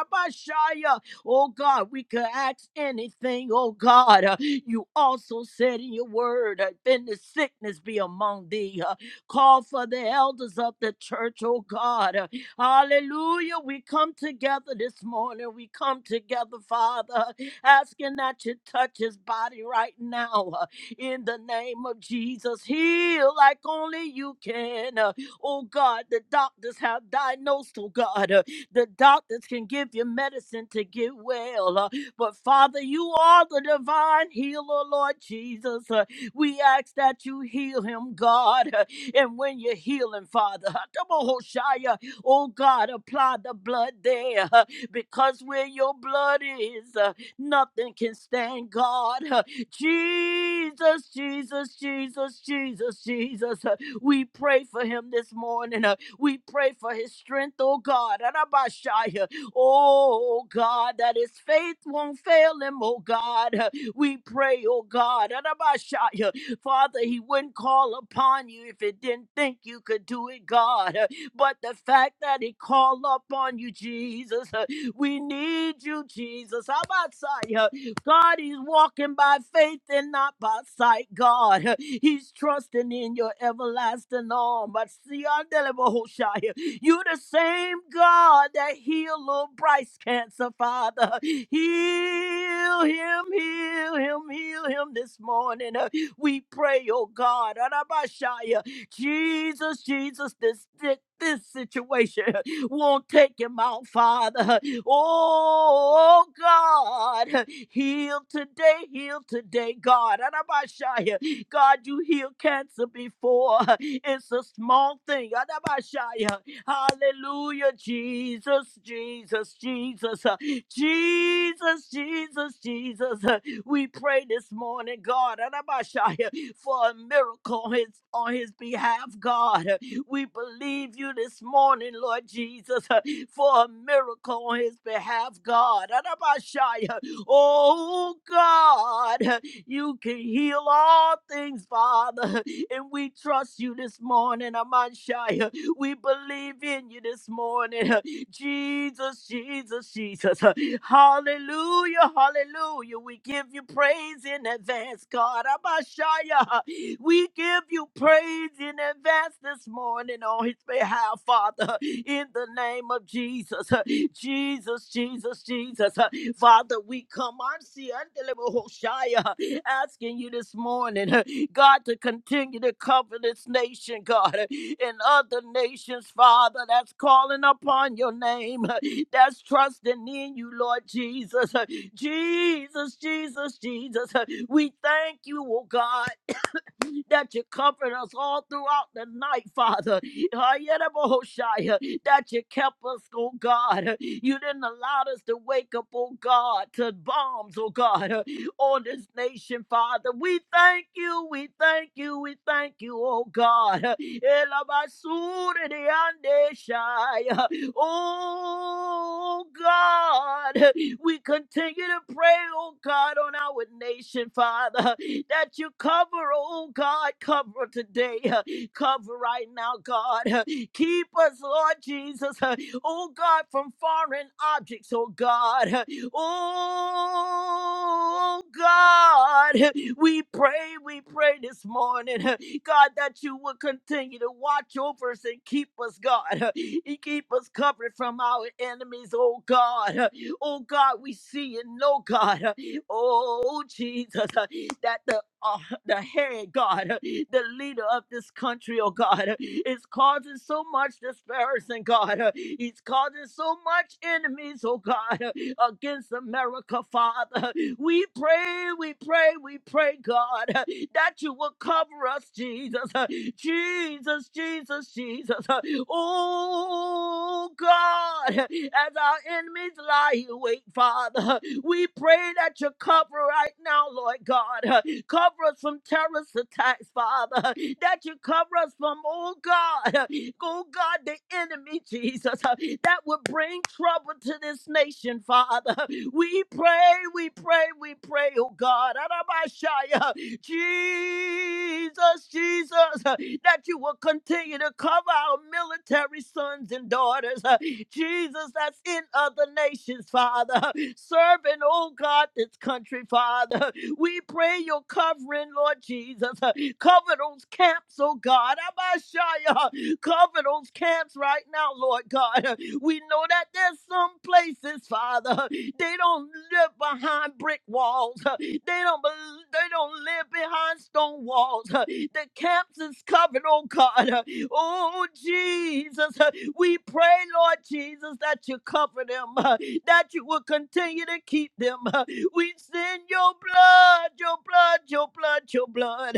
B: Oh, God, we could ask anything. Oh, God. Uh, You also said in your word, uh, then the sickness be among thee. Call for the elders of the church, oh God. Uh, Hallelujah. We come together this morning. We come together, Father, asking that you touch his body right now. uh, In the name of Jesus, heal like only you can. Uh, Oh God, the doctors have diagnosed, oh God. uh, The doctors can give you medicine to get well. uh, But Father, you are the divine healer, Lord Jesus. Uh, We ask that you heal him, God. And when you're healing, Father, Atamohoshaya, oh God, apply the blood there uh, because where your blood is, uh, nothing can stand God. uh, Jesus, Jesus, Jesus, Jesus, Jesus. uh, We pray for him this morning. uh, We pray for his strength, oh God. Arabashaya, Oh God, that his faith won't fail him, oh God. uh, We pray, oh God. Father, he wouldn't call upon you if he didn't think you could do it, God. Uh, But the fact that he called upon you, Jesus, uh, we need you, Jesus. How about sight? uh, God, he's walking by faith and not by sight, God. Uh, He's trusting in your everlasting arm. But see, I you the same God that healed little Bryce cancer, Father. Heal him, heal him, heal him this morning. Uh, we pray, oh God, Arabashaya, Jesus, Jesus, this. thi- This situation won't take him out, Father. Oh God, heal today, heal today, God. Arabashaya, God, you healed cancer before. It's a small thing. Arabashaya, Hallelujah, Jesus, Jesus, Jesus, uh, Jesus, Jesus, Jesus. We pray this morning, God, Arabashaya, for a miracle on his, on his behalf, God. We believe you this morning, Lord Jesus, for a miracle on his behalf, God. Arabashaya. Oh, God, you can heal all things, Father, and we trust you this morning, Amashaya. We believe in you this morning. Jesus, Jesus, Jesus. Hallelujah, hallelujah. We give you praise in advance, God. Abashaya. We give you praise in advance this morning on his behalf, Father, in the name of Jesus. Jesus, Jesus, Jesus. Father, we come on see Hoshaya asking you this morning, God, to continue to cover this nation, God, and other nations, Father, that's calling upon your name, that's trusting in you, Lord Jesus. Jesus, Jesus, Jesus. We thank you, oh God that you comfort us all throughout the night, Father. Hayerabohoshaya, That you kept us, oh God. You didn't allow us to wake up, oh God, to bombs, oh God, on this nation, Father. We thank you, we thank you, we thank you, oh God. Elabasuridiyandeshaya. Oh God, we continue to pray, oh God, on our nation, Father, that you cover, oh God, cover today. Cover right now, God. Keep us, Lord Jesus. Oh God, from foreign objects, oh God. Oh God. We pray, we pray this morning, God, that you will continue to watch over us and keep us, God. You keep us covered from our enemies, oh God. Oh God, we see and know, God. Oh Jesus, that the uh, the head, God, the leader of this country, oh God, is causing so much disparison, God. He's causing so much enemies, oh God, against America, Father. We pray, we pray, we pray, God, that you will cover us, Jesus. Jesus, Jesus, Jesus. Oh God, as our enemies lie awake, Father. We pray that you cover right now, Lord God. Uh, Cover us from terrorist attacks, Father. Uh, That you cover us from, oh God, uh, oh God, the enemy, Jesus, uh, that would bring trouble to this nation, Father. We pray, we pray, we pray, oh God. Arabashaya. Jesus, Jesus, uh, that you will continue to cover our military sons and daughters. uh, Jesus, that's in other nations, Father. Serving, oh God, this country, Father. We pray your covering, Lord Jesus. uh, Cover those camps, oh God. Abashaya. Cover those camps right now, Lord God. We know that there's some places, Father, they don't live behind brick walls. They don't bel- they don't live behind stone walls. The camps is covered, oh God. Oh Jesus, we pray, Lord Jesus, that you cover them, that you will continue to keep them. We send your blood, your blood, your blood, your blood,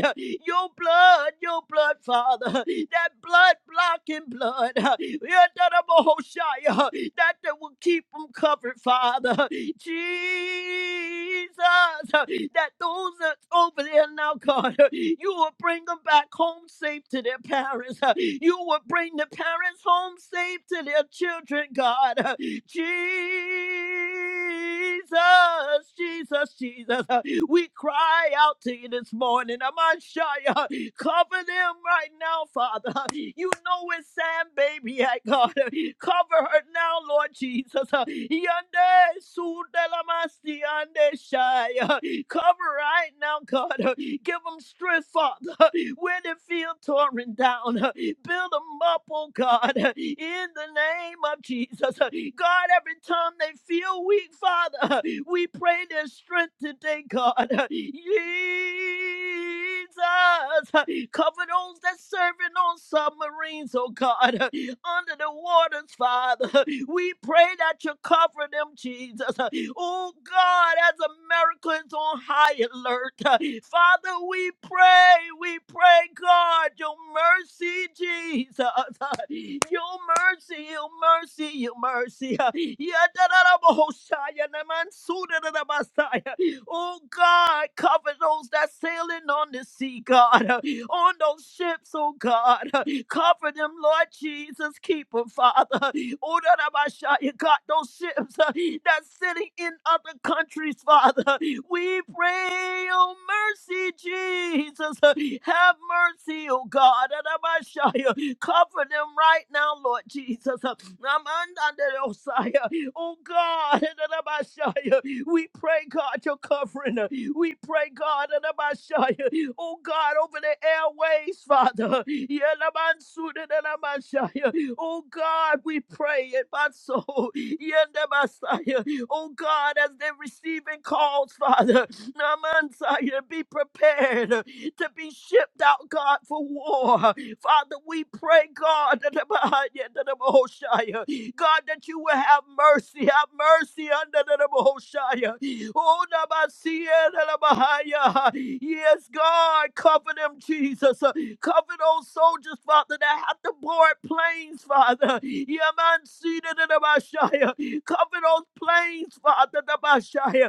B: your blood, your blood, Father. That blood blocking blood, that they will keep them covered, Father. Jesus, that those that's over there now, God, you will bring them back home safe to their parents. You will bring the parents home safe to their children, God. Jesus, Jesus, Jesus. We cry out to you this morning. Amashaya, cover them right now, Father. You know it's Sam, baby, I God. Cover her now, Lord Jesus. Yande sudelamasti ande shaya. Cover right now, God. Give them strength, Father. Where they feel torn down, build them up, oh God. In the name of Jesus, God. Every time they feel weak, Father, we pray their strength today today, God. Jesus, cover those that serving on submarines, oh God, under the waters, Father. We pray that you cover them, Jesus. Oh God, as Americans on high alert, Father, we pray, we pray, God, your mercy, Jesus, your mercy, your mercy, your mercy. Yeah, da, da, da, bo, ho, sha, ya, na, man, su, da, da, da, ba, sa, ya. Oh God, cover those that sailing on the sea, God, uh, on those ships, oh God. uh, Cover them, Lord Jesus. Keep them, Father. Oh, that I might shout, you got those ships uh, that's sitting in other countries, Father. We we pray. Oh, mercy, Jesus. Have mercy, oh God. Adabashaya. Cover them right now, Lord Jesus. Amandadosaya. Oh God. Adabashaya. We pray, God, your covering. We pray, God. Adabashaya. Oh God, over the airways, Father. Yelabansudadadabashaya. Oh God, we pray. Ebaso. Yendabasaya. Oh God, as they're receiving calls, Father, Namansaya, be prepared to be shipped out, God, for war. Father, we pray, God, that the Bahaya, that the Bahoshaya, God, that you will have mercy, have mercy under the Bahoshaya. Oh, Namasia, the Bahaya. Yes, God, cover them, Jesus. Cover those soldiers, Father, that have to board planes, Father. Yaman Sina Cover those planes, Father, the Messiah.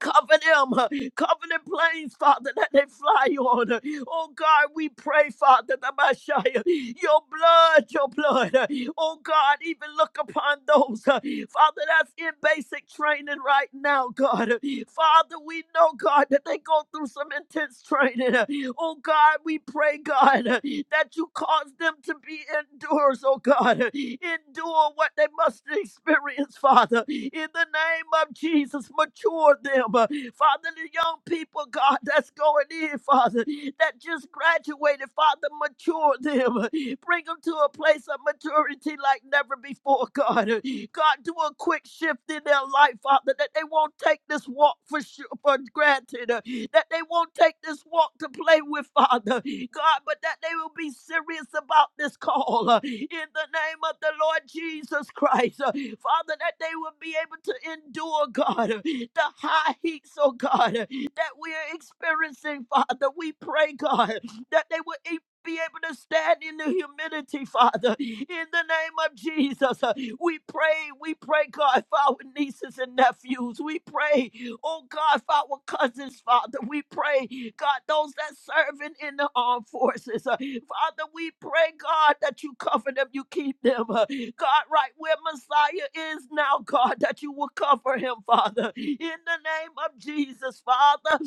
B: Cover them, cover the planes, Father, that they fly on. Oh God, we pray, Father, the Messiah, your blood, your blood. Oh God, even look upon those, uh, Father, that's in basic training right now, God. Father, we know, God, that they go through some intense training. Oh God, we pray, God, that you Cause them to be endurers, oh God. Endure what they must experience, Father. In the name of Jesus, mature them. Father, the young people, God, that's going in, Father, that just graduated, Father, mature them. Bring them to a place of maturity like never before, God. God, do a quick shift in their life life, Father, that they won't take this walk for sure, for granted, uh, that they won't take this walk to play with, Father, God, but that they will be serious about this call uh, in the name of the Lord Jesus Christ, uh, Father, that they will be able to endure, God, uh, the high heats, oh God, uh, that we are experiencing, Father. We pray, God, that they will be able to stand in the humility, Father. In the name of Jesus, uh, we pray, we pray, God, for our nieces and nephews. We pray, oh God, for our cousins, Father. We pray, God, those that serving in the armed forces. uh, Father, we pray, God, that you cover them, you keep them. uh, God, right where Messiah is now, God, that you will cover him, Father. In the name of Jesus, Father.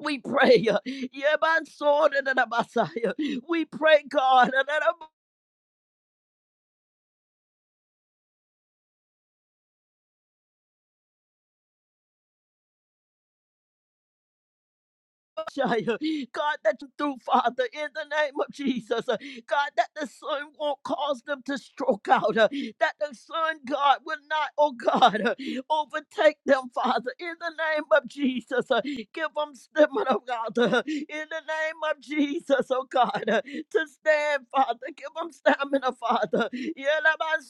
B: We pray. uh, Yebansore na na Messiah. We pray, God. Shia. God, that you do, Father, in the name of Jesus. Uh, God, that the sun won't cause them to stroke out. uh, That the sun, God, will not, oh God, uh, overtake them, Father, in the name of Jesus. Uh, Give them stamina, Father, in the name of Jesus, oh God, uh, to stand, Father. Give them stamina, Father.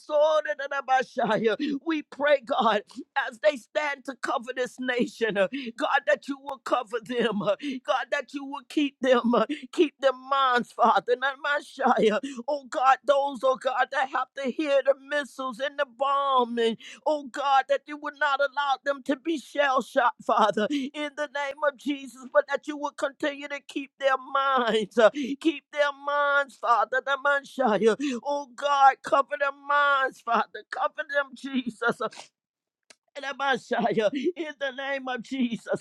B: Yelabasodadadabashaya. We pray, God, as they stand to cover this nation. God, that you will cover them. uh, God, that you will keep them. uh, Keep their minds, Father. Not my shy. uh, Oh, God, those, oh, God, that have to hear the missiles and the bombing. oh, God, that you would not allow them to be shell shot, Father, in the name of Jesus, but that you would continue to keep their minds. uh, Keep their minds, Father. Not my shy. uh, Oh, God, cover their minds, Father. Cover them, Jesus. uh, and Messiah, in the name of Jesus.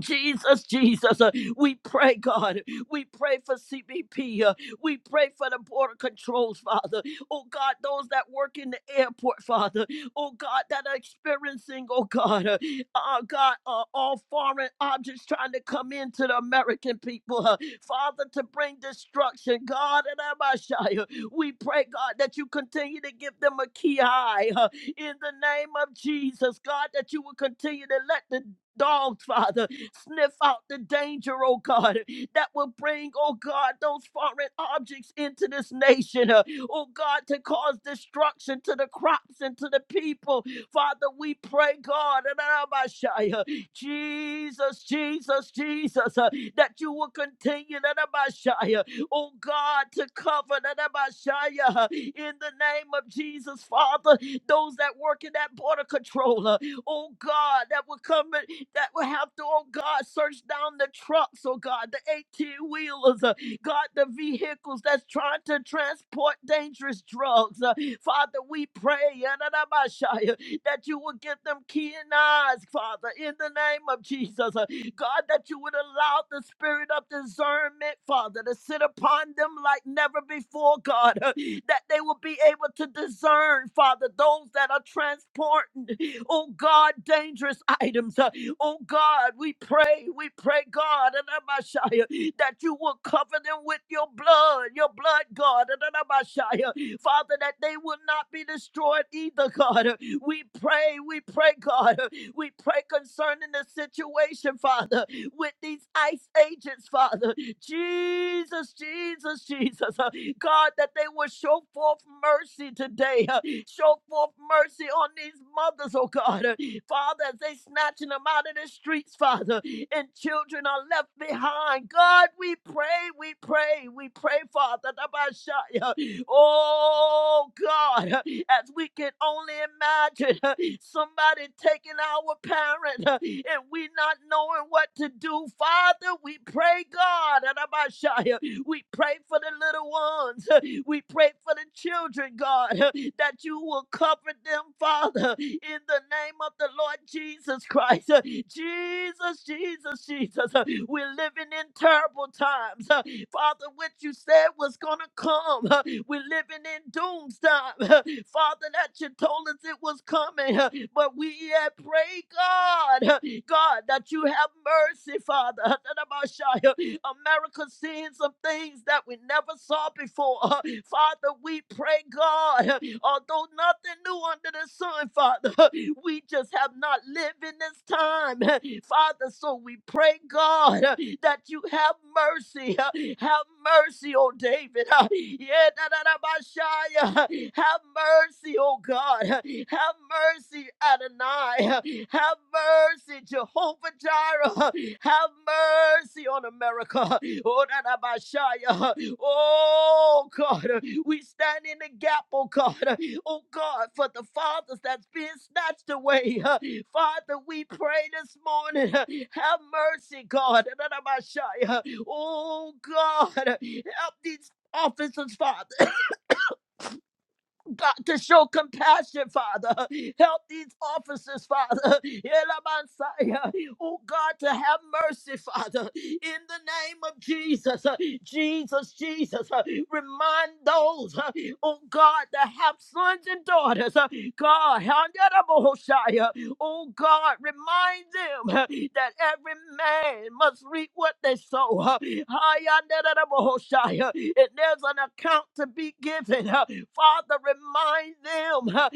B: Jesus, Jesus, uh, we pray, God. We pray for CBP. uh, we pray for the border controls, Father. Oh, God, those that work in the airport, Father. Oh, God, that are experiencing, oh, God, uh, uh, God, uh, all foreign objects trying to come into the American people, uh, Father, to bring destruction. God, and Abishai, uh, we pray, God, that you continue to give them a key eye uh, in the name of Jesus, God, that you will continue to let the dogs, Father, Sniff out the danger, oh God, that will bring, oh God, those foreign objects into this nation, uh, oh God, to cause destruction to the crops and to the people. Father, we pray, God, Rabashaya, Jesus, Jesus, Jesus, uh, that you will continue, Rabashaya, oh God, to cover Rabashaya, uh, in the name of Jesus, Father, those that work in that border controller, oh God, that will come that will have to, oh God, search down the trucks, oh God, the 18 wheelers, uh, God, the vehicles that's trying to transport dangerous drugs. Uh, Father, we pray yadadabashaya, that you will give them keen eyes, Father, in the name of Jesus. Uh, God, that you would allow the spirit of discernment, Father, to sit upon them like never before, God, uh, that they will be able to discern, Father, those that are transporting, oh God, dangerous items. Uh, Oh God, we pray, we pray, God, and Messiah, that you will cover them with your blood, your blood, God, and Messiah. Father, that they will not be destroyed either, God. We pray, we pray, God. We pray concerning the situation, Father, with these ICE agents, Father. Jesus, Jesus, Jesus. Uh, God, that they will show forth mercy today. uh, Show forth mercy on these mothers, oh God. Uh, Father, as they snatching them out of the streets, Father, and children are left behind. God, we pray pray, we pray, we pray, Father. Dabashaya. Oh God, as we can only imagine somebody taking our parent and we not knowing what to do, Father, we pray, God. We pray for the little ones. We pray for the children, God, that you will cover them, Father, in the name of the Lord Jesus Christ. Jesus, Jesus, Jesus. We're living in terrible times. Father, what you said was going to come. We're living in doomsday. Father, that you told us it was coming. But we have prayed, God. God, that you have mercy, Father. America seeing some things that we never saw before. Father, we pray, God, although nothing new under the sun, Father, we just have not lived in this time, Father. So we pray, God, that you have mercy. Have mercy, oh David. Yeah, da, da, da, Messiah. Have mercy, oh God. God. Have mercy, Adonai. Have mercy, Jehovah Jireh. Have mercy on America. Oh, Dadabashaya. Oh, God. We stand in the gap, oh, God. Oh, God, for the fathers that's been snatched away. Father, we pray this morning. Have mercy, God. Dadabashaya. Oh, God. Help these officers, Father. God, to show compassion, Father. Help these officers, Father. Elamansaya. Oh, God, to have mercy, Father. In the name of Jesus, uh, Jesus, Jesus, uh, remind those, uh, oh, God, that have sons and daughters, uh, God, Handarabohoshaya, Oh God, remind them uh, that every man must reap what they sow. uh, uh, And there's an account to be given. uh, Father, remind them. uh,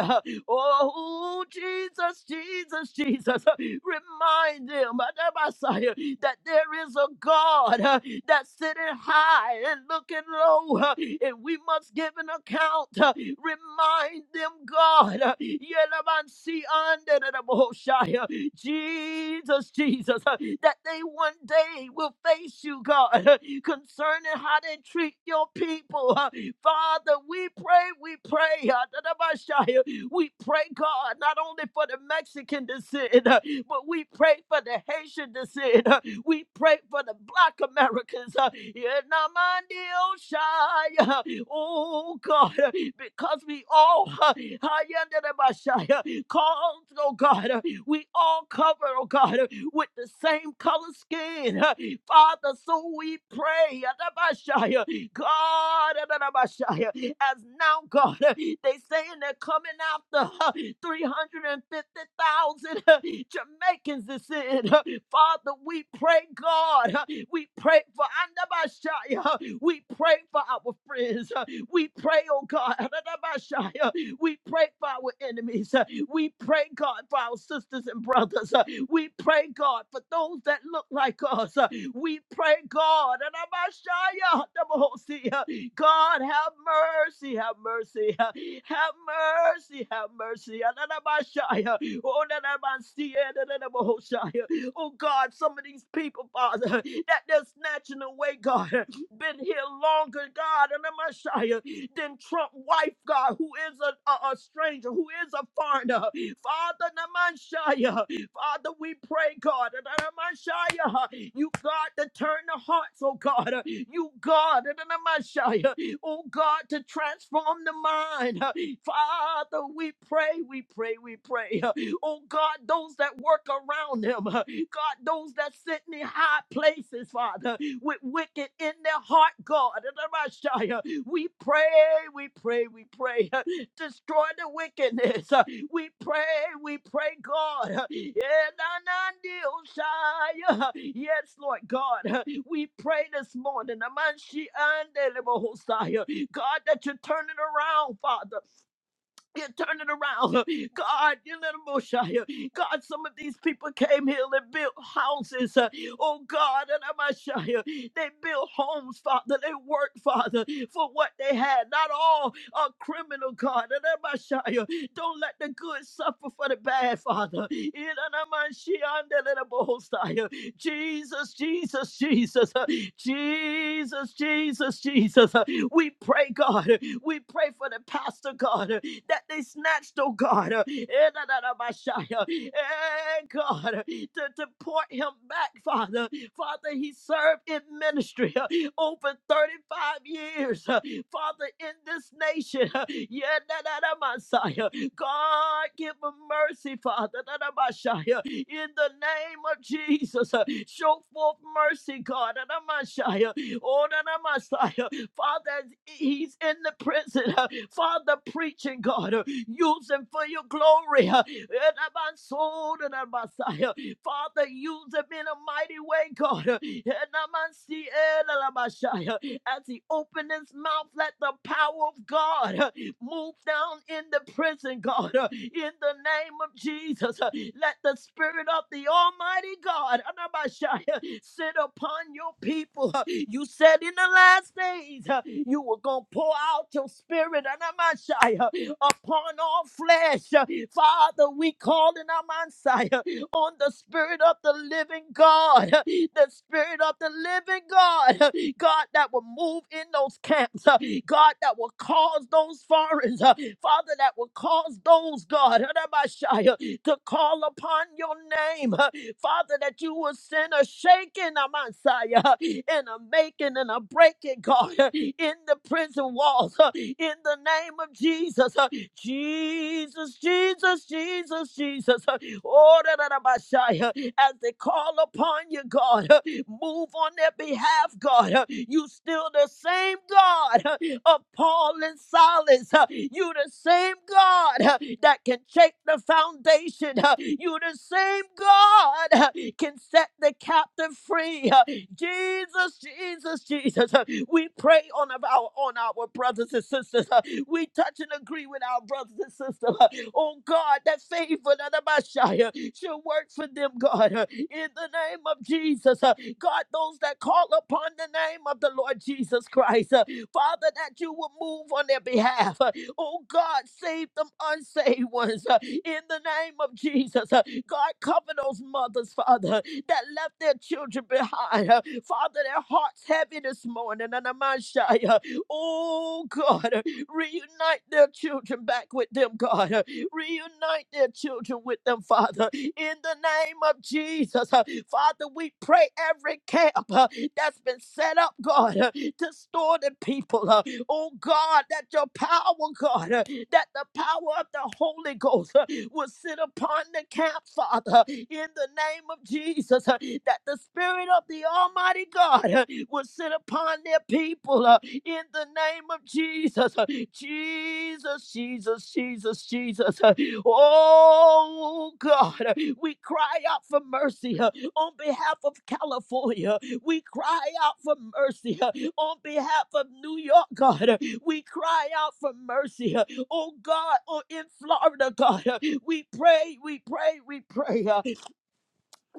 B: uh, Oh, Jesus, Jesus, Jesus. uh, Remind them, uh, Messiah, that there is a God uh, that's sitting high and looking low, uh, and we must give an account. uh, Remind them, God. uh, Yelabansi ande de de bohoshai, uh, Jesus, Jesus, uh, that they one day will face you, God, uh, concerning how they treat your people. uh, Father, we pray, we pray. uh, we pray, God, not only for the Mexican descent, uh, but we pray for the Haitian descent. uh, We pray for the Black Americans. uh, yeah, na man di uh, Oh, God, uh, because we all, uh, hi, the bashai, uh, called, oh God, uh, we all cover, oh God, uh, with the same color skin. uh, Father, so we pray. God, as now, God, they saying they're coming after 350,000 Jamaicans is in. huh. Father, we pray, God, huh, we pray for Andabashaya, we pray for our friends, huh. we pray, oh God, Andabashaya, we pray for our enemies, huh. we pray, God, for our sisters and brothers, huh. we pray, God, for those that look like us, huh. We pray, God, and Amashaya, Damosia. God, have mercy, have mercy, yeah. have mercy, have mercy, yeah. and Amashaya. Oh, Nanamasia, Nanamahoshaya. Oh, God, some of these people, Father, that they're snatching away, God, been here longer, God, and Amashaya, than Trump wife, God, who is a, a, a stranger, who is a foreigner. Father, Namashaya, Father, we pray, God, that I'm a huh, you God to turn the hearts, oh God, huh, you God, that I'm a Shia, oh God, to transform the mind. huh. Father, we pray, we pray, we pray. huh. Oh God, those that work around them, huh, God, those that sit in the high places, Father, with wicked in their heart, God, that I'm we pray, we pray, we pray. huh, Destroy the wickedness. We pray, we pray, God. Elanandiosaya. Yes, Lord God. We pray this morning. Amanshi andelebohosaya. God, that you turn it around, Father. You turn it around. God, you little Moshiach. God, some of these people came here and built houses. uh, Oh God, and Amashia. They built homes, Father. They worked, Father, for what they had. Not all are criminal, God. And Amashia. Don't let the good suffer for the bad, Father. In Anamashia, and the little Mosiah. Jesus, Jesus, Jesus. uh, Jesus, Jesus, Jesus. We pray, God. We pray for the pastor, God, that they snatched, oh God, and God, to, to pour him back, Father. Father, he served in ministry uh, over 35 years, uh, Father, in this nation. uh, yeah, da, da, da, Messiah. God, give him mercy, Father, da, da, Messiah. in the name of Jesus. uh, Show forth mercy, God, da, da, Messiah. Oh, da da, Messiah. Father, as he's in the prison, uh, Father, preaching, God, uh, use him for your glory. uh, and my soul and uh, my sight, uh, Father, use him in a mighty way, God. uh, and uh, my see, and, uh, my shy, uh, As he opened his mouth, let the power of God uh, Move down in the prison, God, uh, in the name of Jesus. uh, Let the Spirit of the Almighty God Anabashaya, sit upon your people. uh, You said in the last days uh, you were going to pour out your Spirit Anabashaya, upon all flesh. uh, Father, we call in our on the Spirit of the living God, the Spirit of the living God, God that will move in those camps, uh, God that will cause those foreigners, uh, Father, that will cause those, God, to call upon your name, uh, Father, that you will send a shaking, a Messiah, and a making and a breaking, God, in the prison walls, uh, in the name of Jesus, uh, Jesus, Jesus, Jesus, Jesus. uh, Oh, da, da, da, ba, shai, uh, as they call upon you, God, uh, move on their behalf, God. uh, You still the same God uh, of Paul and Silas. uh, You the same God uh, that can shake the foundation. uh, You the same God uh, can set the captive free. uh, Jesus, Jesus, Jesus. uh, We pray on our on our brothers and sisters. uh, We touch and agree with our brothers and sisters. huh. Oh God, that favor of the Messiah shall work for them, God, uh, in the name of Jesus. uh, God, those that call upon the name of the Lord Jesus Christ, uh, Father, that you will move on their behalf. uh, Oh God, save them unsaved ones uh, in the name of Jesus. uh, God, cover those mothers, Father, that left their children behind. uh, Father, their hearts heavy this morning. And I'm shy, uh, Oh God, uh, reunite their children back with them, God. uh, Reunite their children with them, Father, in the name of Jesus. Uh, Father, we pray every camp uh, that's been set up, God, uh, to store the people. uh, Oh, God, that your power, God, uh, that the power of the Holy Ghost uh, will sit upon the camp, Father, in the name of Jesus, uh, that the Spirit of the Almighty God uh, will sit upon their people uh, in the name of Jesus. uh, Jesus, Jesus, Jesus, Jesus. uh, Oh God, uh, we cry out for mercy uh, on behalf of California. We cry out for mercy uh, on behalf of New York, God. uh, We cry out for mercy. uh, oh God, oh in Florida, God. uh, We pray, we pray, we pray. Uh,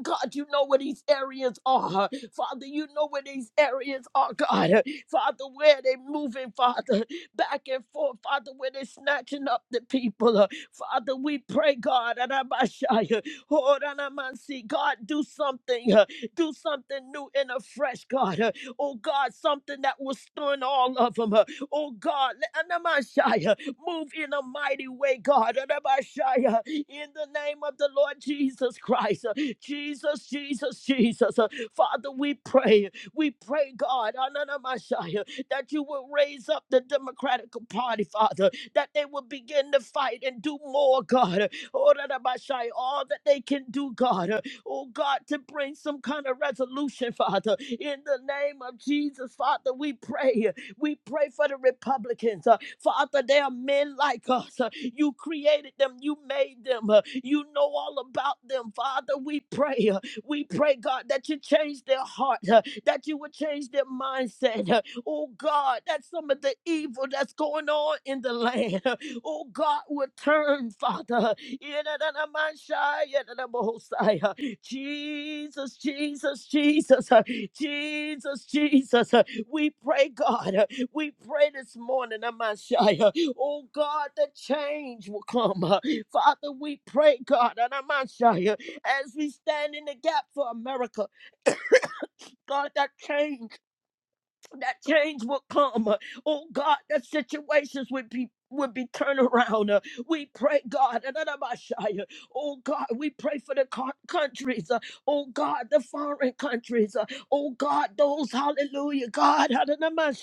B: God, you know where these areas are. Father, you know where these areas are, God. Father, where they moving, Father, back and forth, Father, where they snatching up the people. Father, we pray, God, Arabashaya, Horanamansi, God, do something, uh, do something new and afresh, God. uh, Oh God, something that will stun all of them. Oh God, let- Anamashaya, move in a mighty way, God. Arabashaya, In the name of the Lord Jesus Christ. Jesus, Jesus, Jesus. Uh, Father, we pray. We pray, God, Ananamashaya, that you will raise up the Democratic Party, Father, that they will begin to fight and do more, God. Oranamashaya, All that they can do, God. Uh, Oh, God, to bring some kind of resolution, Father. In the name of Jesus, Father, we pray. We pray for the Republicans. Uh, Father, they are men like us. You created them, you made them, uh, you know all about them. Father, we pray. uh, We pray, God, that you change their heart, uh, that you would change their mindset. uh, Oh God, that some of the evil that's going on in the land, uh, oh God, would turn, Father. Jesus, Jesus, Jesus, uh, Jesus, Jesus. uh, We pray, God. uh, we pray this morning, Amashia. Oh God, the change will come. uh, Father, we pray, God, and Amashia, as we stand in the gap for America, God, that change that change will come. Uh, Oh God, that situations would be would be turned around. Uh, We pray, God, and then I'm a oh God, we pray for the co- countries, uh, oh God, the foreign countries, uh, oh God, those, hallelujah, God, and then I'm a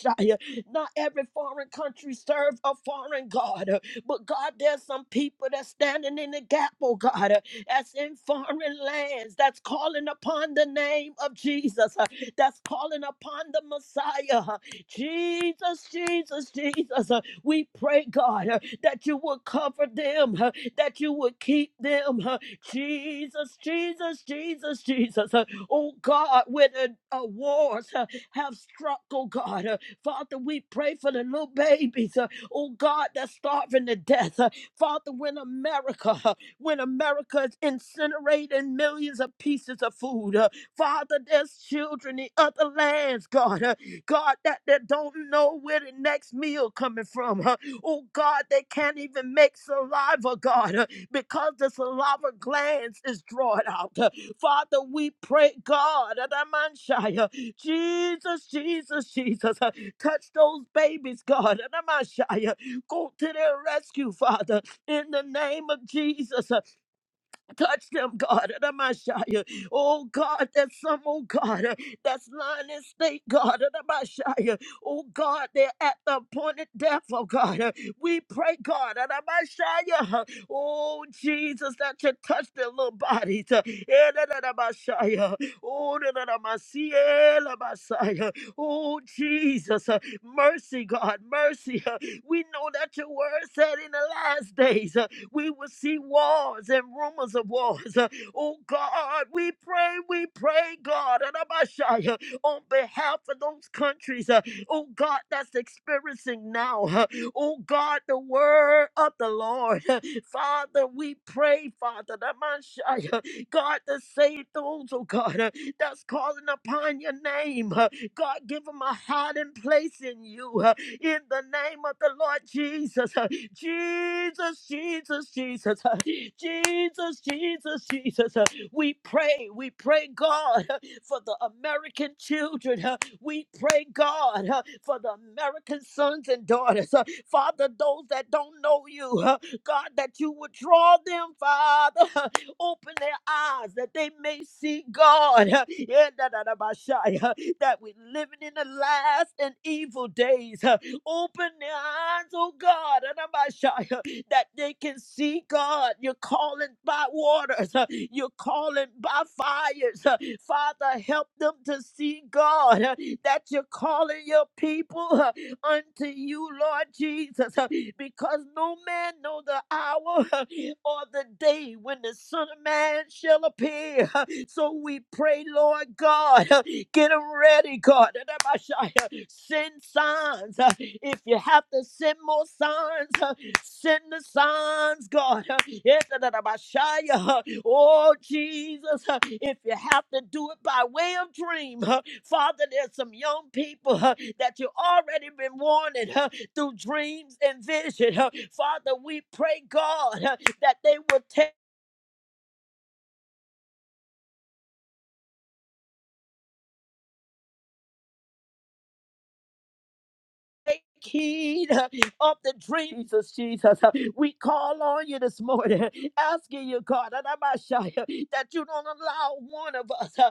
B: not every foreign country serve a foreign God, uh, but God, there's some people that's standing in the gap, oh God, uh, that's in foreign lands, that's calling upon the name of Jesus that's calling upon the Messiah. Jesus, Jesus, Jesus. Uh, We pray, God, uh, that you will cover them, uh, that you will keep them. uh, Jesus, Jesus, Jesus, Jesus. Uh, Oh God, where the uh, wars uh, have struck, oh God. uh, Father, we pray for the little babies, uh, oh God, that's starving to death. Uh, Father, when America, uh, when America is incinerating millions of pieces of food. uh, Father, there's children in other lands, God. uh, God, that, they don't know where the next meal coming from. huh. Oh, God, they can't even make saliva, God, uh, because the saliva glands is drawn out. uh. Father, we pray, God, uh, that I'm uh, Jesus, Jesus, Jesus, uh, touch those babies, God, uh, that I'm uh, go to their rescue, Father, in the name of Jesus. uh, Touch them, God. Adamashaya. Oh, God, there's some, oh, God, uh, that's lying in state, God. Adamashaya. Oh, God, they're at the point of death, oh, God. Uh, We pray, God. Adamashaya. Oh, Jesus, that you touch their little bodies. uh, eh, da, da, da, Mashaya. Oh, da, da, da, Masiya, la, Masaya. Oh, Jesus. uh, Mercy, God. Mercy. uh, We know that your word said in the last days. uh, we will see wars and rumors of wars. Uh, Oh God, we pray, we pray, God, and Abashaya, on behalf of those countries, uh, oh God, that's experiencing now. uh, Oh God, the word of the Lord. Uh, Father, we pray, Father, that my Shia, God, to save those, oh God, uh, that's calling upon your name. God, give them a hiding place in you uh, in the name of the Lord Jesus. uh, Jesus, Jesus, Jesus, uh, Jesus, Jesus, Jesus. uh, We pray, we pray, God, uh, for the American children. uh, We pray, God, uh, for the American sons and daughters. uh, Father, those that don't know you, uh, God, that you would draw them, Father. Open their eyes that they may see God. Yeah, da, da, da, ba, sha, yeah, That we're living in the last and evil days. Open their eyes, oh God, da, da, ba, sha, yeah, that they can see God. You're calling by waters, you're calling by fires. Father, help them to see God that you're calling your people. unto you, Lord Jesus, uh, because no man know the hour or the day when the Son of Man shall appear. So we pray, Lord God, get them ready, God. Send signs. uh, If you have to send more signs, uh, Send the signs, God. Oh, Jesus, if you have to do it by way of dream, Father, there's some young people that you already been warning through dreams and vision. Father, we pray, God, that they will take. Heed of the dreams, Jesus. Jesus. We call on you this morning, asking you, God, that you don't allow one of us.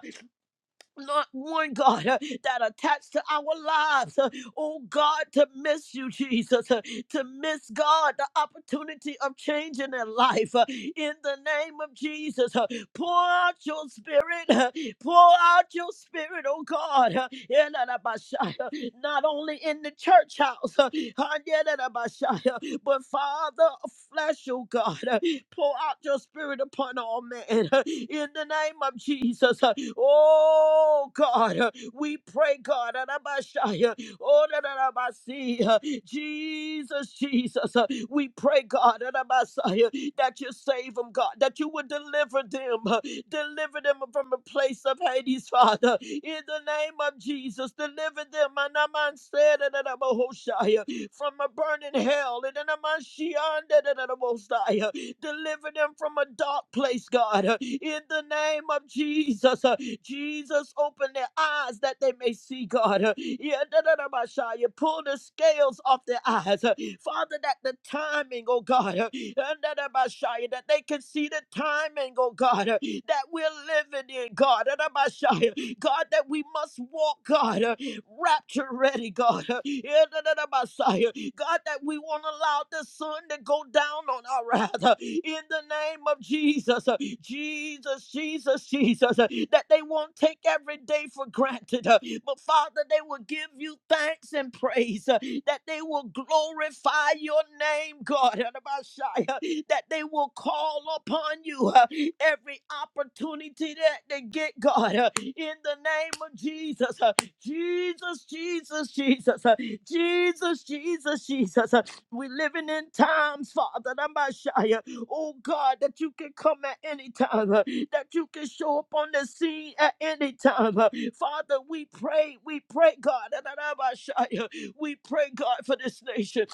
B: Lord, one God uh, that attached to our lives. uh, Oh God, to miss you, Jesus, uh, to miss God, the opportunity of changing their life. uh, In the name of Jesus, uh, pour out your spirit, uh, pour out your spirit, oh God. uh, Yelalabashaya, Not only in the church house, uh, uh, yelalabashaya, but Father, of flesh, oh God, uh, pour out your spirit upon all men uh, in the name of Jesus. uh, Oh God, uh, we pray, God, uh, Rabashaya, oh, da, uh, Jesus, Jesus, uh, we pray, God, uh, that you save them, God, that you would deliver them, uh, deliver them from a place of Hades, Father, in the name of Jesus, deliver them, Anaman said, from a burning hell. And in a Mashianda, da- Deliver them from a dark place, God. uh, In the name of Jesus. uh, Jesus, open their eyes that they may see, God. uh, Yeah, da- da- da- Messiah. Pull the scales off their eyes. uh, Father, that the timing, oh God, uh, and that uh, Messiah, that they can see the timing, oh God, uh, that we're living in, God, and uh, Messiah, God, that we must walk, God. uh, rapture ready, God. Yeah, da, da, da, Messiah. God, that we won't allow the sun to go down on our wrath. In the name of Jesus, Jesus, Jesus, Jesus, that they won't take every day for granted. But Father, they will give you thanks and praise, that they will glorify your name, God, da, that they will call upon you uh, every opportunity that they get, God, uh, in the name of Jesus. Jesus, Jesus, Jesus, uh, Jesus, Jesus, Jesus. uh, We're living in times, Father, that my Shia. Oh God, that you can come at any time, uh, that you can show up on the scene at any time. uh. Father, we pray, we pray, God, that I might shine, uh, we pray, God, for this nation.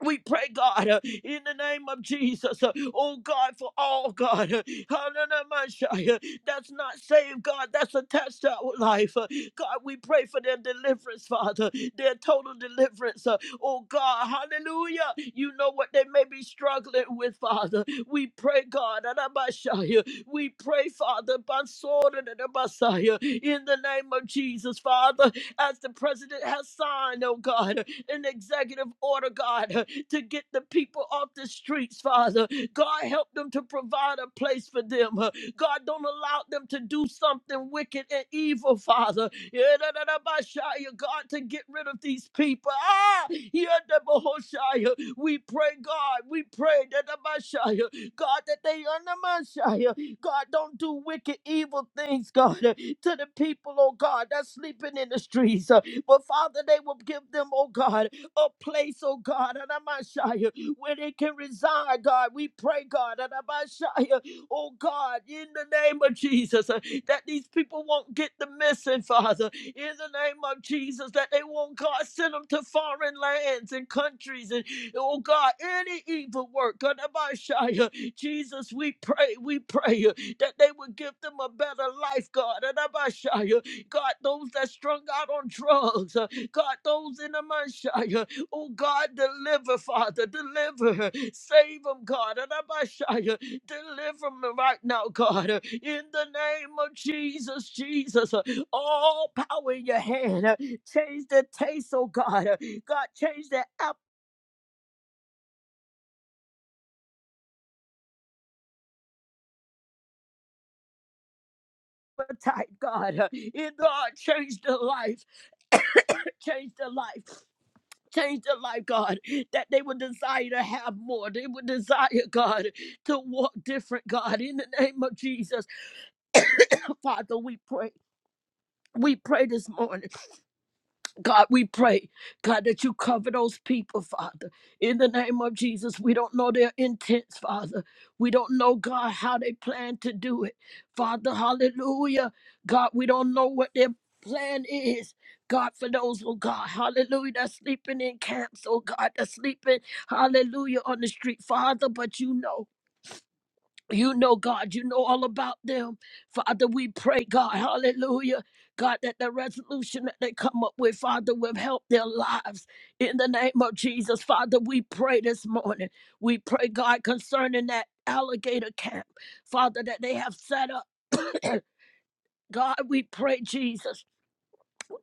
B: We pray, God, uh, in the name of Jesus, uh, oh God, for all, God, uh, hallelujah, uh, that's not saved, God, that's attached to our life. uh, God, we pray for their deliverance, Father, their total deliverance. uh, oh God, hallelujah. You know what they may be struggling with, Father. We pray, God, uh, we pray, Father, by sword and the Messiah, in the name of Jesus, Father as the president has signed, oh God, an executive order, God, to get the people off the streets, Father. God, help them to provide a place for them. God, don't allow them to do something wicked and evil, Father. Yedadadabashaya, God, to get rid of these people. Ah, yedadabahoshaya. we pray, God, we pray, dadabashaya, God, that they undermine. God, don't do wicked, evil things, God, uh, to the people, oh God, that's sleeping in the streets. uh, But Father, they will give them, oh God, a place, oh God, and I'm not shy, uh, where they can reside, God. We pray, God, and I'm not shy, uh, Oh God, in the name of Jesus, uh, that these people won't get the message, Father. In the name of Jesus, that they won't, God, send them to foreign lands and countries. And oh God, any evil work, God, about Jesus, we pray, we pray uh, that they would give them a better life, God. And about God, those that strung out on drugs, uh, God, those in the Messiah, oh God, deliver, Father, deliver, save them, God. And about Deliver me right now, God, uh, in the name of Jesus, Jesus. uh, All power in your hand. uh, Change the taste, oh God. uh, God, change the appetite, God. uh, In God, change the life, change the life, change the life, God, that they would desire to have more. They would desire, God, to walk different, God, in the name of Jesus. Father, we pray. We pray this morning. God, we pray, God, that you cover those people, Father. In the name of Jesus, we don't know their intents, Father. We don't know, God, how they plan to do it. Father, hallelujah. God, we don't know what their plan is. God, for those, oh God, hallelujah, that's sleeping in camps, oh God, that's sleeping, hallelujah, on the street, Father, but you know. You know, God, you know all about them. Father, we pray, God, hallelujah. God, that the resolution that they come up with, Father, will help their lives in the name of Jesus. Father, we pray this morning. We pray, God, concerning that alligator camp, Father, that they have set up. God, we pray, Jesus.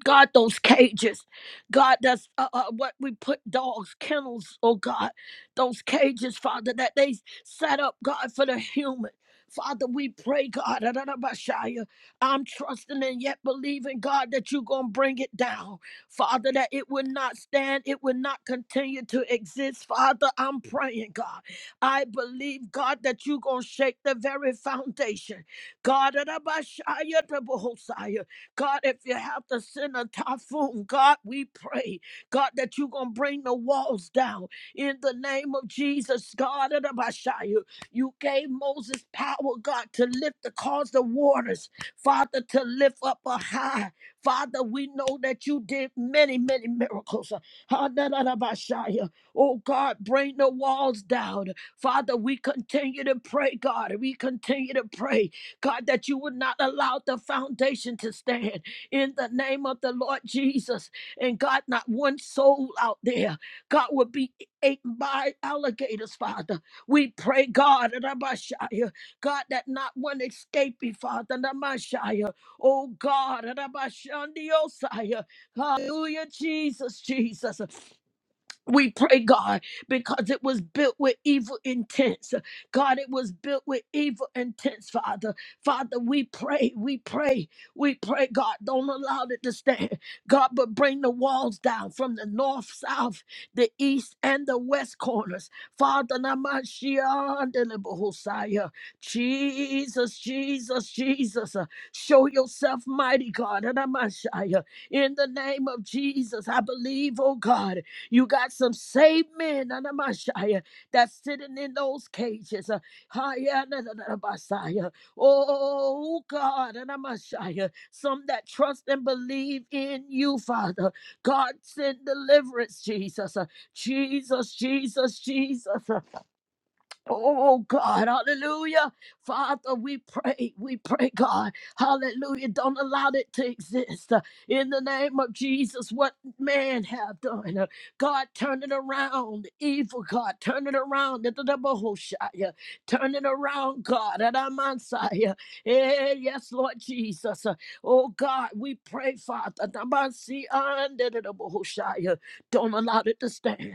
B: God, those cages, God, that's uh, uh, what we put dogs, kennels, oh God, those cages, Father, that they set up, God, for the human. Father, we pray, God, da- da- da- ba- shia. I'm trusting and yet believing, God, that you're going to bring it down. Father, that it will not stand, it will not continue to exist. Father, I'm praying, God. I believe, God, that you're going to shake the very foundation. God, da- da- ba- shia, da- ba- hosaya. God, if you have to send a typhoon, God, we pray, God, that you're going to bring the walls down in the name of Jesus, God. And Abishai, You gave Moses power, God, to lift the cause the waters, Father, to lift up a high. Father, we know that you did many, many miracles. Ah, da, da, da, Abishai. Oh, God, bring the walls down. Father, we continue to pray, God. We continue to pray. God, that you would not allow the foundation to stand in the name of the Lord Jesus. And God, not one soul out there, God, would be eaten by alligators, Father. We pray, God, Rabashaya, God, that not one escape be, Father, Namashaya. Oh, God, Rabashandiosaya. Hallelujah, Jesus, Jesus. We pray, God, because it was built with evil intents. God, it was built with evil intents, Father. Father, we pray, we pray, we pray, God, don't allow it to stand. God, but bring the walls down from the north, south, the east, and the west corners. Father, Namashia, Jesus, Jesus, Jesus, uh, show yourself mighty, God, Namashia. in the name of Jesus. I believe, oh God. You got some saved men Anamashaya, that's sitting in those cages. uh, Haya na na na na Basaya. Oh God, Anamashaya, some that trust and believe in you, Father. God send deliverance, Jesus. uh, Jesus, Jesus, Jesus. uh, Oh God, hallelujah. Father, we pray, we pray, God, hallelujah. Don't allow it to exist Uh, in the name of Jesus. What man have done, uh, God, turn it around. Evil, God, turn it around. Da- da- da- Bahoshaya. Turn it around, God. Adamansaya. Eh, Yes, Lord Jesus. Uh, Oh God, we pray, Father. Damansi, ah, da- da- da- Bahoshaya. Don't allow it to stand.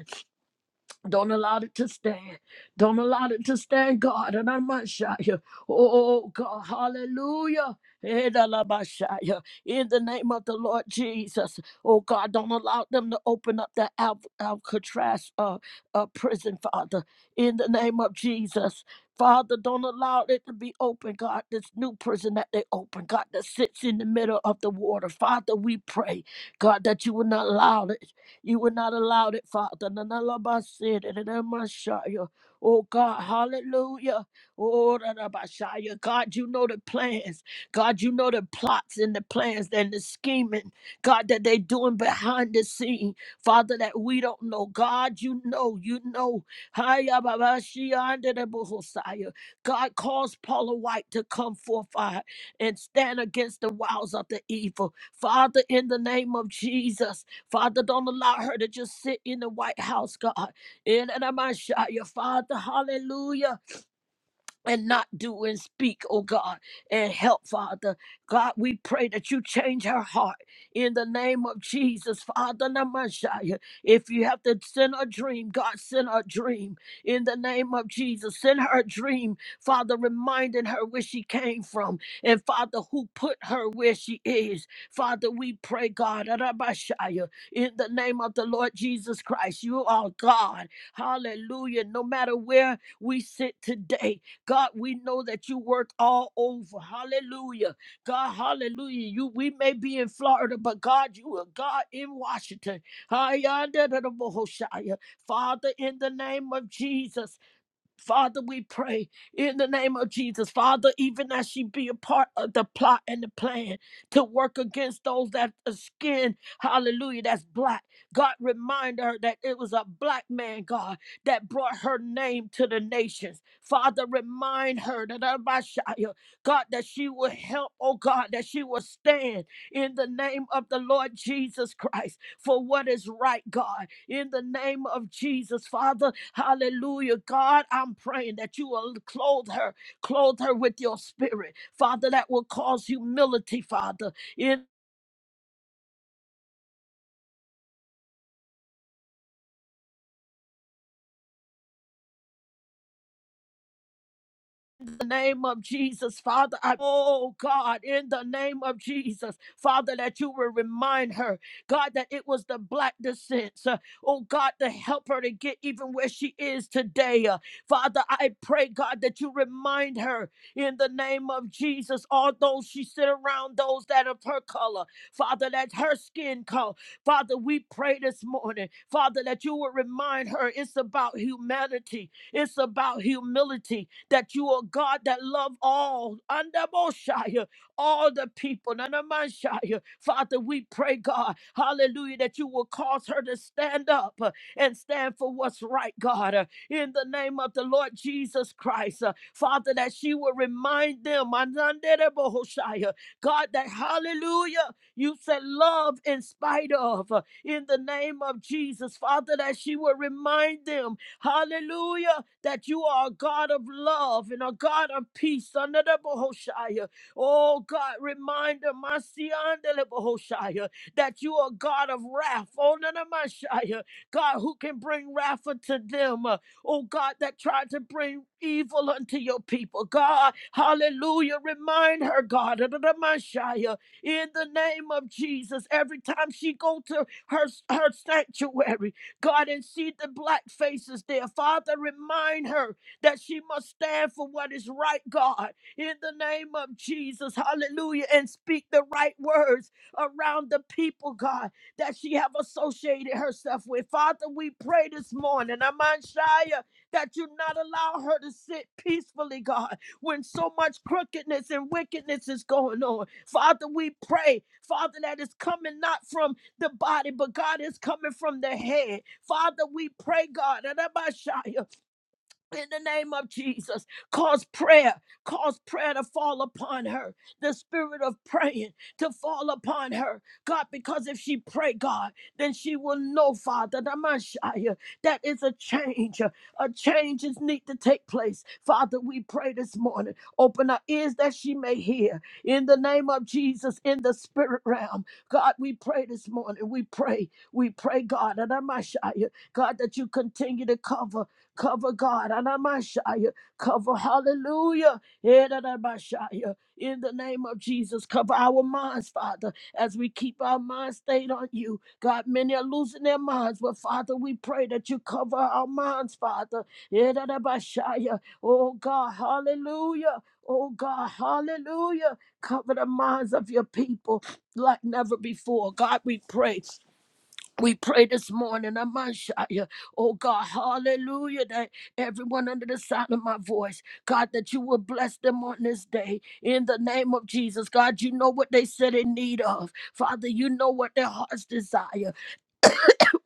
B: Don't allow it to stand. Don't allow it to stand, God. And I'm not shy. Oh, God. Hallelujah. Edalabashaya. In the name of the Lord Jesus. Oh, God, don't allow them to open up that Al- Alcatraz uh, uh, prison, Father. In the name of Jesus. Father, don't allow it to be open, God. This new prison that they open, God, that sits in the middle of the water. Father, we pray, God, that you will not allow it. You would not allow it, Father. Na- na- la- ba- si- da- Oh God, hallelujah. Oh, da- da- God, you know the plans. God, you know the plots and the plans and the scheming, God, that they doing behind the scene. Father, that we don't know. God, you know, you know. Hiya, ba- ba- shi- yonder, da- God calls Paula White to come forth Father, and stand against the wiles of the evil. Father, in the name of Jesus. Father, don't allow her to just sit in the White House, God. In and Father, hallelujah and not do and speak, oh God, and help, Father. God, we pray that you change her heart in the name of Jesus, Father Namashaya. If you have to send a dream, God, send her a dream in the name of Jesus. Send her a dream, Father, reminding her where she came from and, Father, who put her where she is. Father, we pray, God, Arabashaya, in the name of the Lord Jesus Christ. You are God. Hallelujah. No matter where we sit today, God, we know that you work all over. Hallelujah. God, hallelujah. You we may be in Florida, but God, you are God in Washington. Hi, Hayanda da da bo ho shaya. Father, in the name of Jesus. Father, we pray in the name of Jesus. Father, even as she be a part of the plot and the plan to work against those that are skin, hallelujah, that's black. God remind her that it was a black man, God, that brought her name to the nations. Father, remind her that Abashaya, God, that she will help, oh God, that she will stand in the name of the Lord Jesus Christ for what is right, God in the name of Jesus, Father. Hallelujah. God, I'm praying that you will clothe her, clothe her with your spirit, Father, that will cause humility, Father In. In the name of Jesus, Father, I, oh God, in the name of Jesus, Father, that you will remind her, God, that it was the black descent, uh, oh God, to help her to get even where she is today. uh, Father, I pray, God, that you remind her in the name of Jesus, all those she sit around, those that of her color, Father, that her skin color, Father, we pray this morning, Father, that you will remind her it's about humanity, it's about humility, that you are God that love all, under Moshiach, all the people, under Moshiach. Father, we pray, God, hallelujah, that you will cause her to stand up uh, and stand for what's right, God, uh, in the name of the Lord Jesus Christ. uh, Father, that she will remind them, Anandere Bohoshaya, God, that hallelujah, you said love in spite of, uh, in the name of Jesus. Father, that she will remind them Hallelujah. That you are a God of love and a God of peace. Under the Bohoshaya. Oh God, remind them, my Siandele Bohoshaya, that you are a God of wrath. Oh none of my Shia. God, who can bring wrath unto them. uh, Oh God, that tried to bring evil unto your people. God, hallelujah. Remind her, God, under the Messiah, in the name of Jesus, every time she go to her, her sanctuary, God, and see the black faces there. Father, remind her that she must stand for what is right, God, in the name of Jesus. Hallelujah. And speak the right words around the people, God, that she have associated herself with. Father, we pray this morning, Amanshaya, that you not allow her to sit peacefully, God, when so much crookedness and wickedness is going on. Father, we pray, Father, that is coming not from the body, but God is coming from the head. Father, we pray, God, in the name of Jesus. Cause prayer, cause prayer to fall upon her. The spirit of praying to fall upon her. God, because if she pray, God, then she will know, Father, that i am my Shia, that is a change. A change is need to take place. Father, we pray this morning. Open our ears that she may hear. In the name of Jesus, in the spirit realm. God, we pray this morning. We pray. We pray, God, that my Shia, God, that you continue to cover. Cover God, Anamashaya. Cover, hallelujah, Edanamashaya. in the name of Jesus. Cover our minds, Father, as we keep our minds stayed on you. God, many are losing their minds, but Father, we pray that you cover our minds, Father. Edanamashaya. Oh God, hallelujah. Oh God, hallelujah. Cover the minds of your people like never before. God, we pray. We pray this morning, Amashaya. Oh God, hallelujah, that everyone under the sound of my voice, God, that you will bless them on this day in the name of Jesus. God, you know what they said in need of. Father, you know what their hearts desire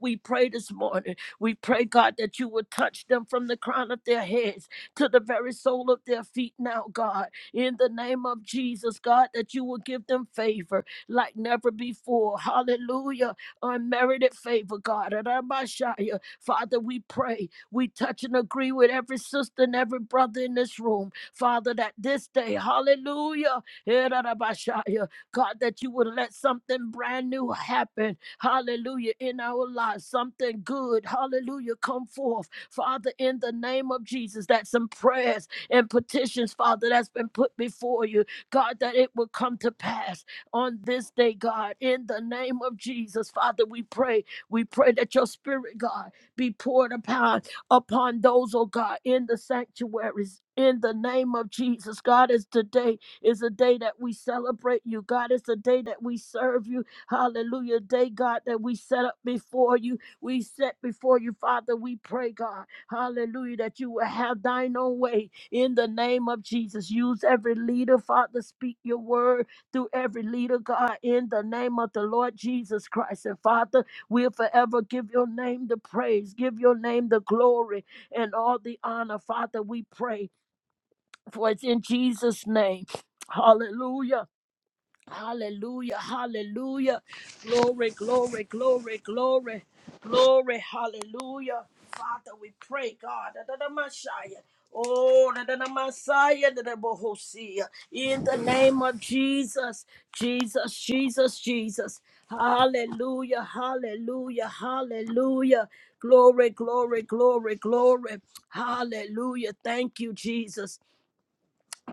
B: we pray this morning. We pray, God, that you would touch them from the crown of their heads to the very sole of their feet now, God. In the name of Jesus, God, that you will give them favor like never before. Hallelujah. Unmerited favor, God. Arabashaya. Father, we pray. We touch and agree with every sister and every brother in this room. Father, that this day, hallelujah. Erarabashaya. God, that you would let something brand new happen hallelujah, in our lives. Something good, hallelujah, come forth. Father, in the name of Jesus, that some prayers and petitions, Father, that's been put before you, God, that it will come to pass on this day, God, in the name of Jesus. Father, we pray, we pray that your spirit, God, be poured upon upon those, oh God, in the sanctuaries. In the name of Jesus, God, is today is a day that we celebrate you. God, it's a day that we serve you. Hallelujah. Day, God, that we set up before you. We set before you, Father. We pray, God. Hallelujah. That you will have thine own way in the name of Jesus. Use every leader, Father. Speak your word through every leader, God, in the name of the Lord Jesus Christ. And Father, we'll forever give your name the praise, give your name the glory and all the honor, Father. We pray for it's in Jesus' name. Hallelujah. Hallelujah, hallelujah. Glory, glory, glory, glory, glory, hallelujah. Father, we pray, God, that the Messiah, oh, that the Messiah, that the Bohosia, in the name of Jesus, Jesus, Jesus, Jesus. Hallelujah, hallelujah, hallelujah. Glory, glory, glory, glory. Hallelujah. Thank you, Jesus.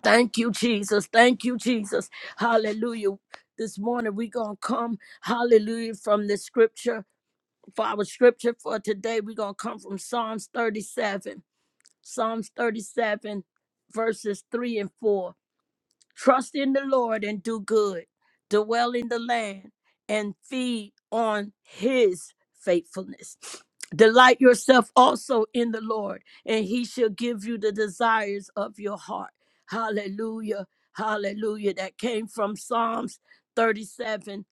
B: Thank you, Jesus. Thank you, Jesus. Hallelujah. This morning we're gonna come, hallelujah, from the scripture. For our scripture for today, we're gonna come from Psalms 37. Psalms 37, verses 3 and 4. Trust in the Lord and do good. Dwell in the land and feed on his faithfulness. Delight yourself also in the Lord, and he shall give you the desires of your heart. Hallelujah. Hallelujah. That came from Psalms 37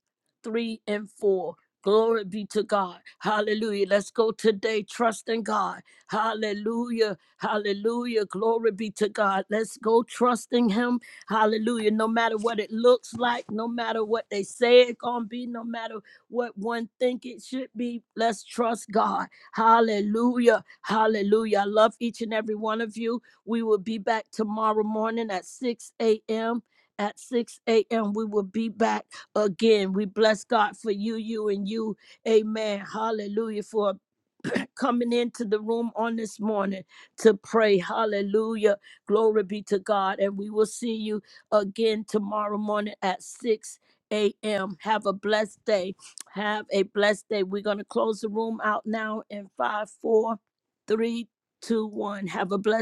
B: 3 and 4. Glory be to God. Hallelujah. Let's go today. Trust in God. Hallelujah. Hallelujah. Glory be to God. Let's go trusting Him Hallelujah. No matter what it looks like, no matter what they say it's going to be, no matter what one think it should be, let's trust God. Hallelujah. Hallelujah. I love each and every one of you. We will be back tomorrow morning at 6 a.m. At 6 a.m., we will be back again. We bless God for you, you, and you. Amen. Hallelujah. For a coming into the room on this morning to pray. Hallelujah. Glory be to God. And we will see you again tomorrow morning at 6 a.m. Have a blessed day. Have a blessed day. We're going to close the room out now in five, four, three, two, one. Have a blessed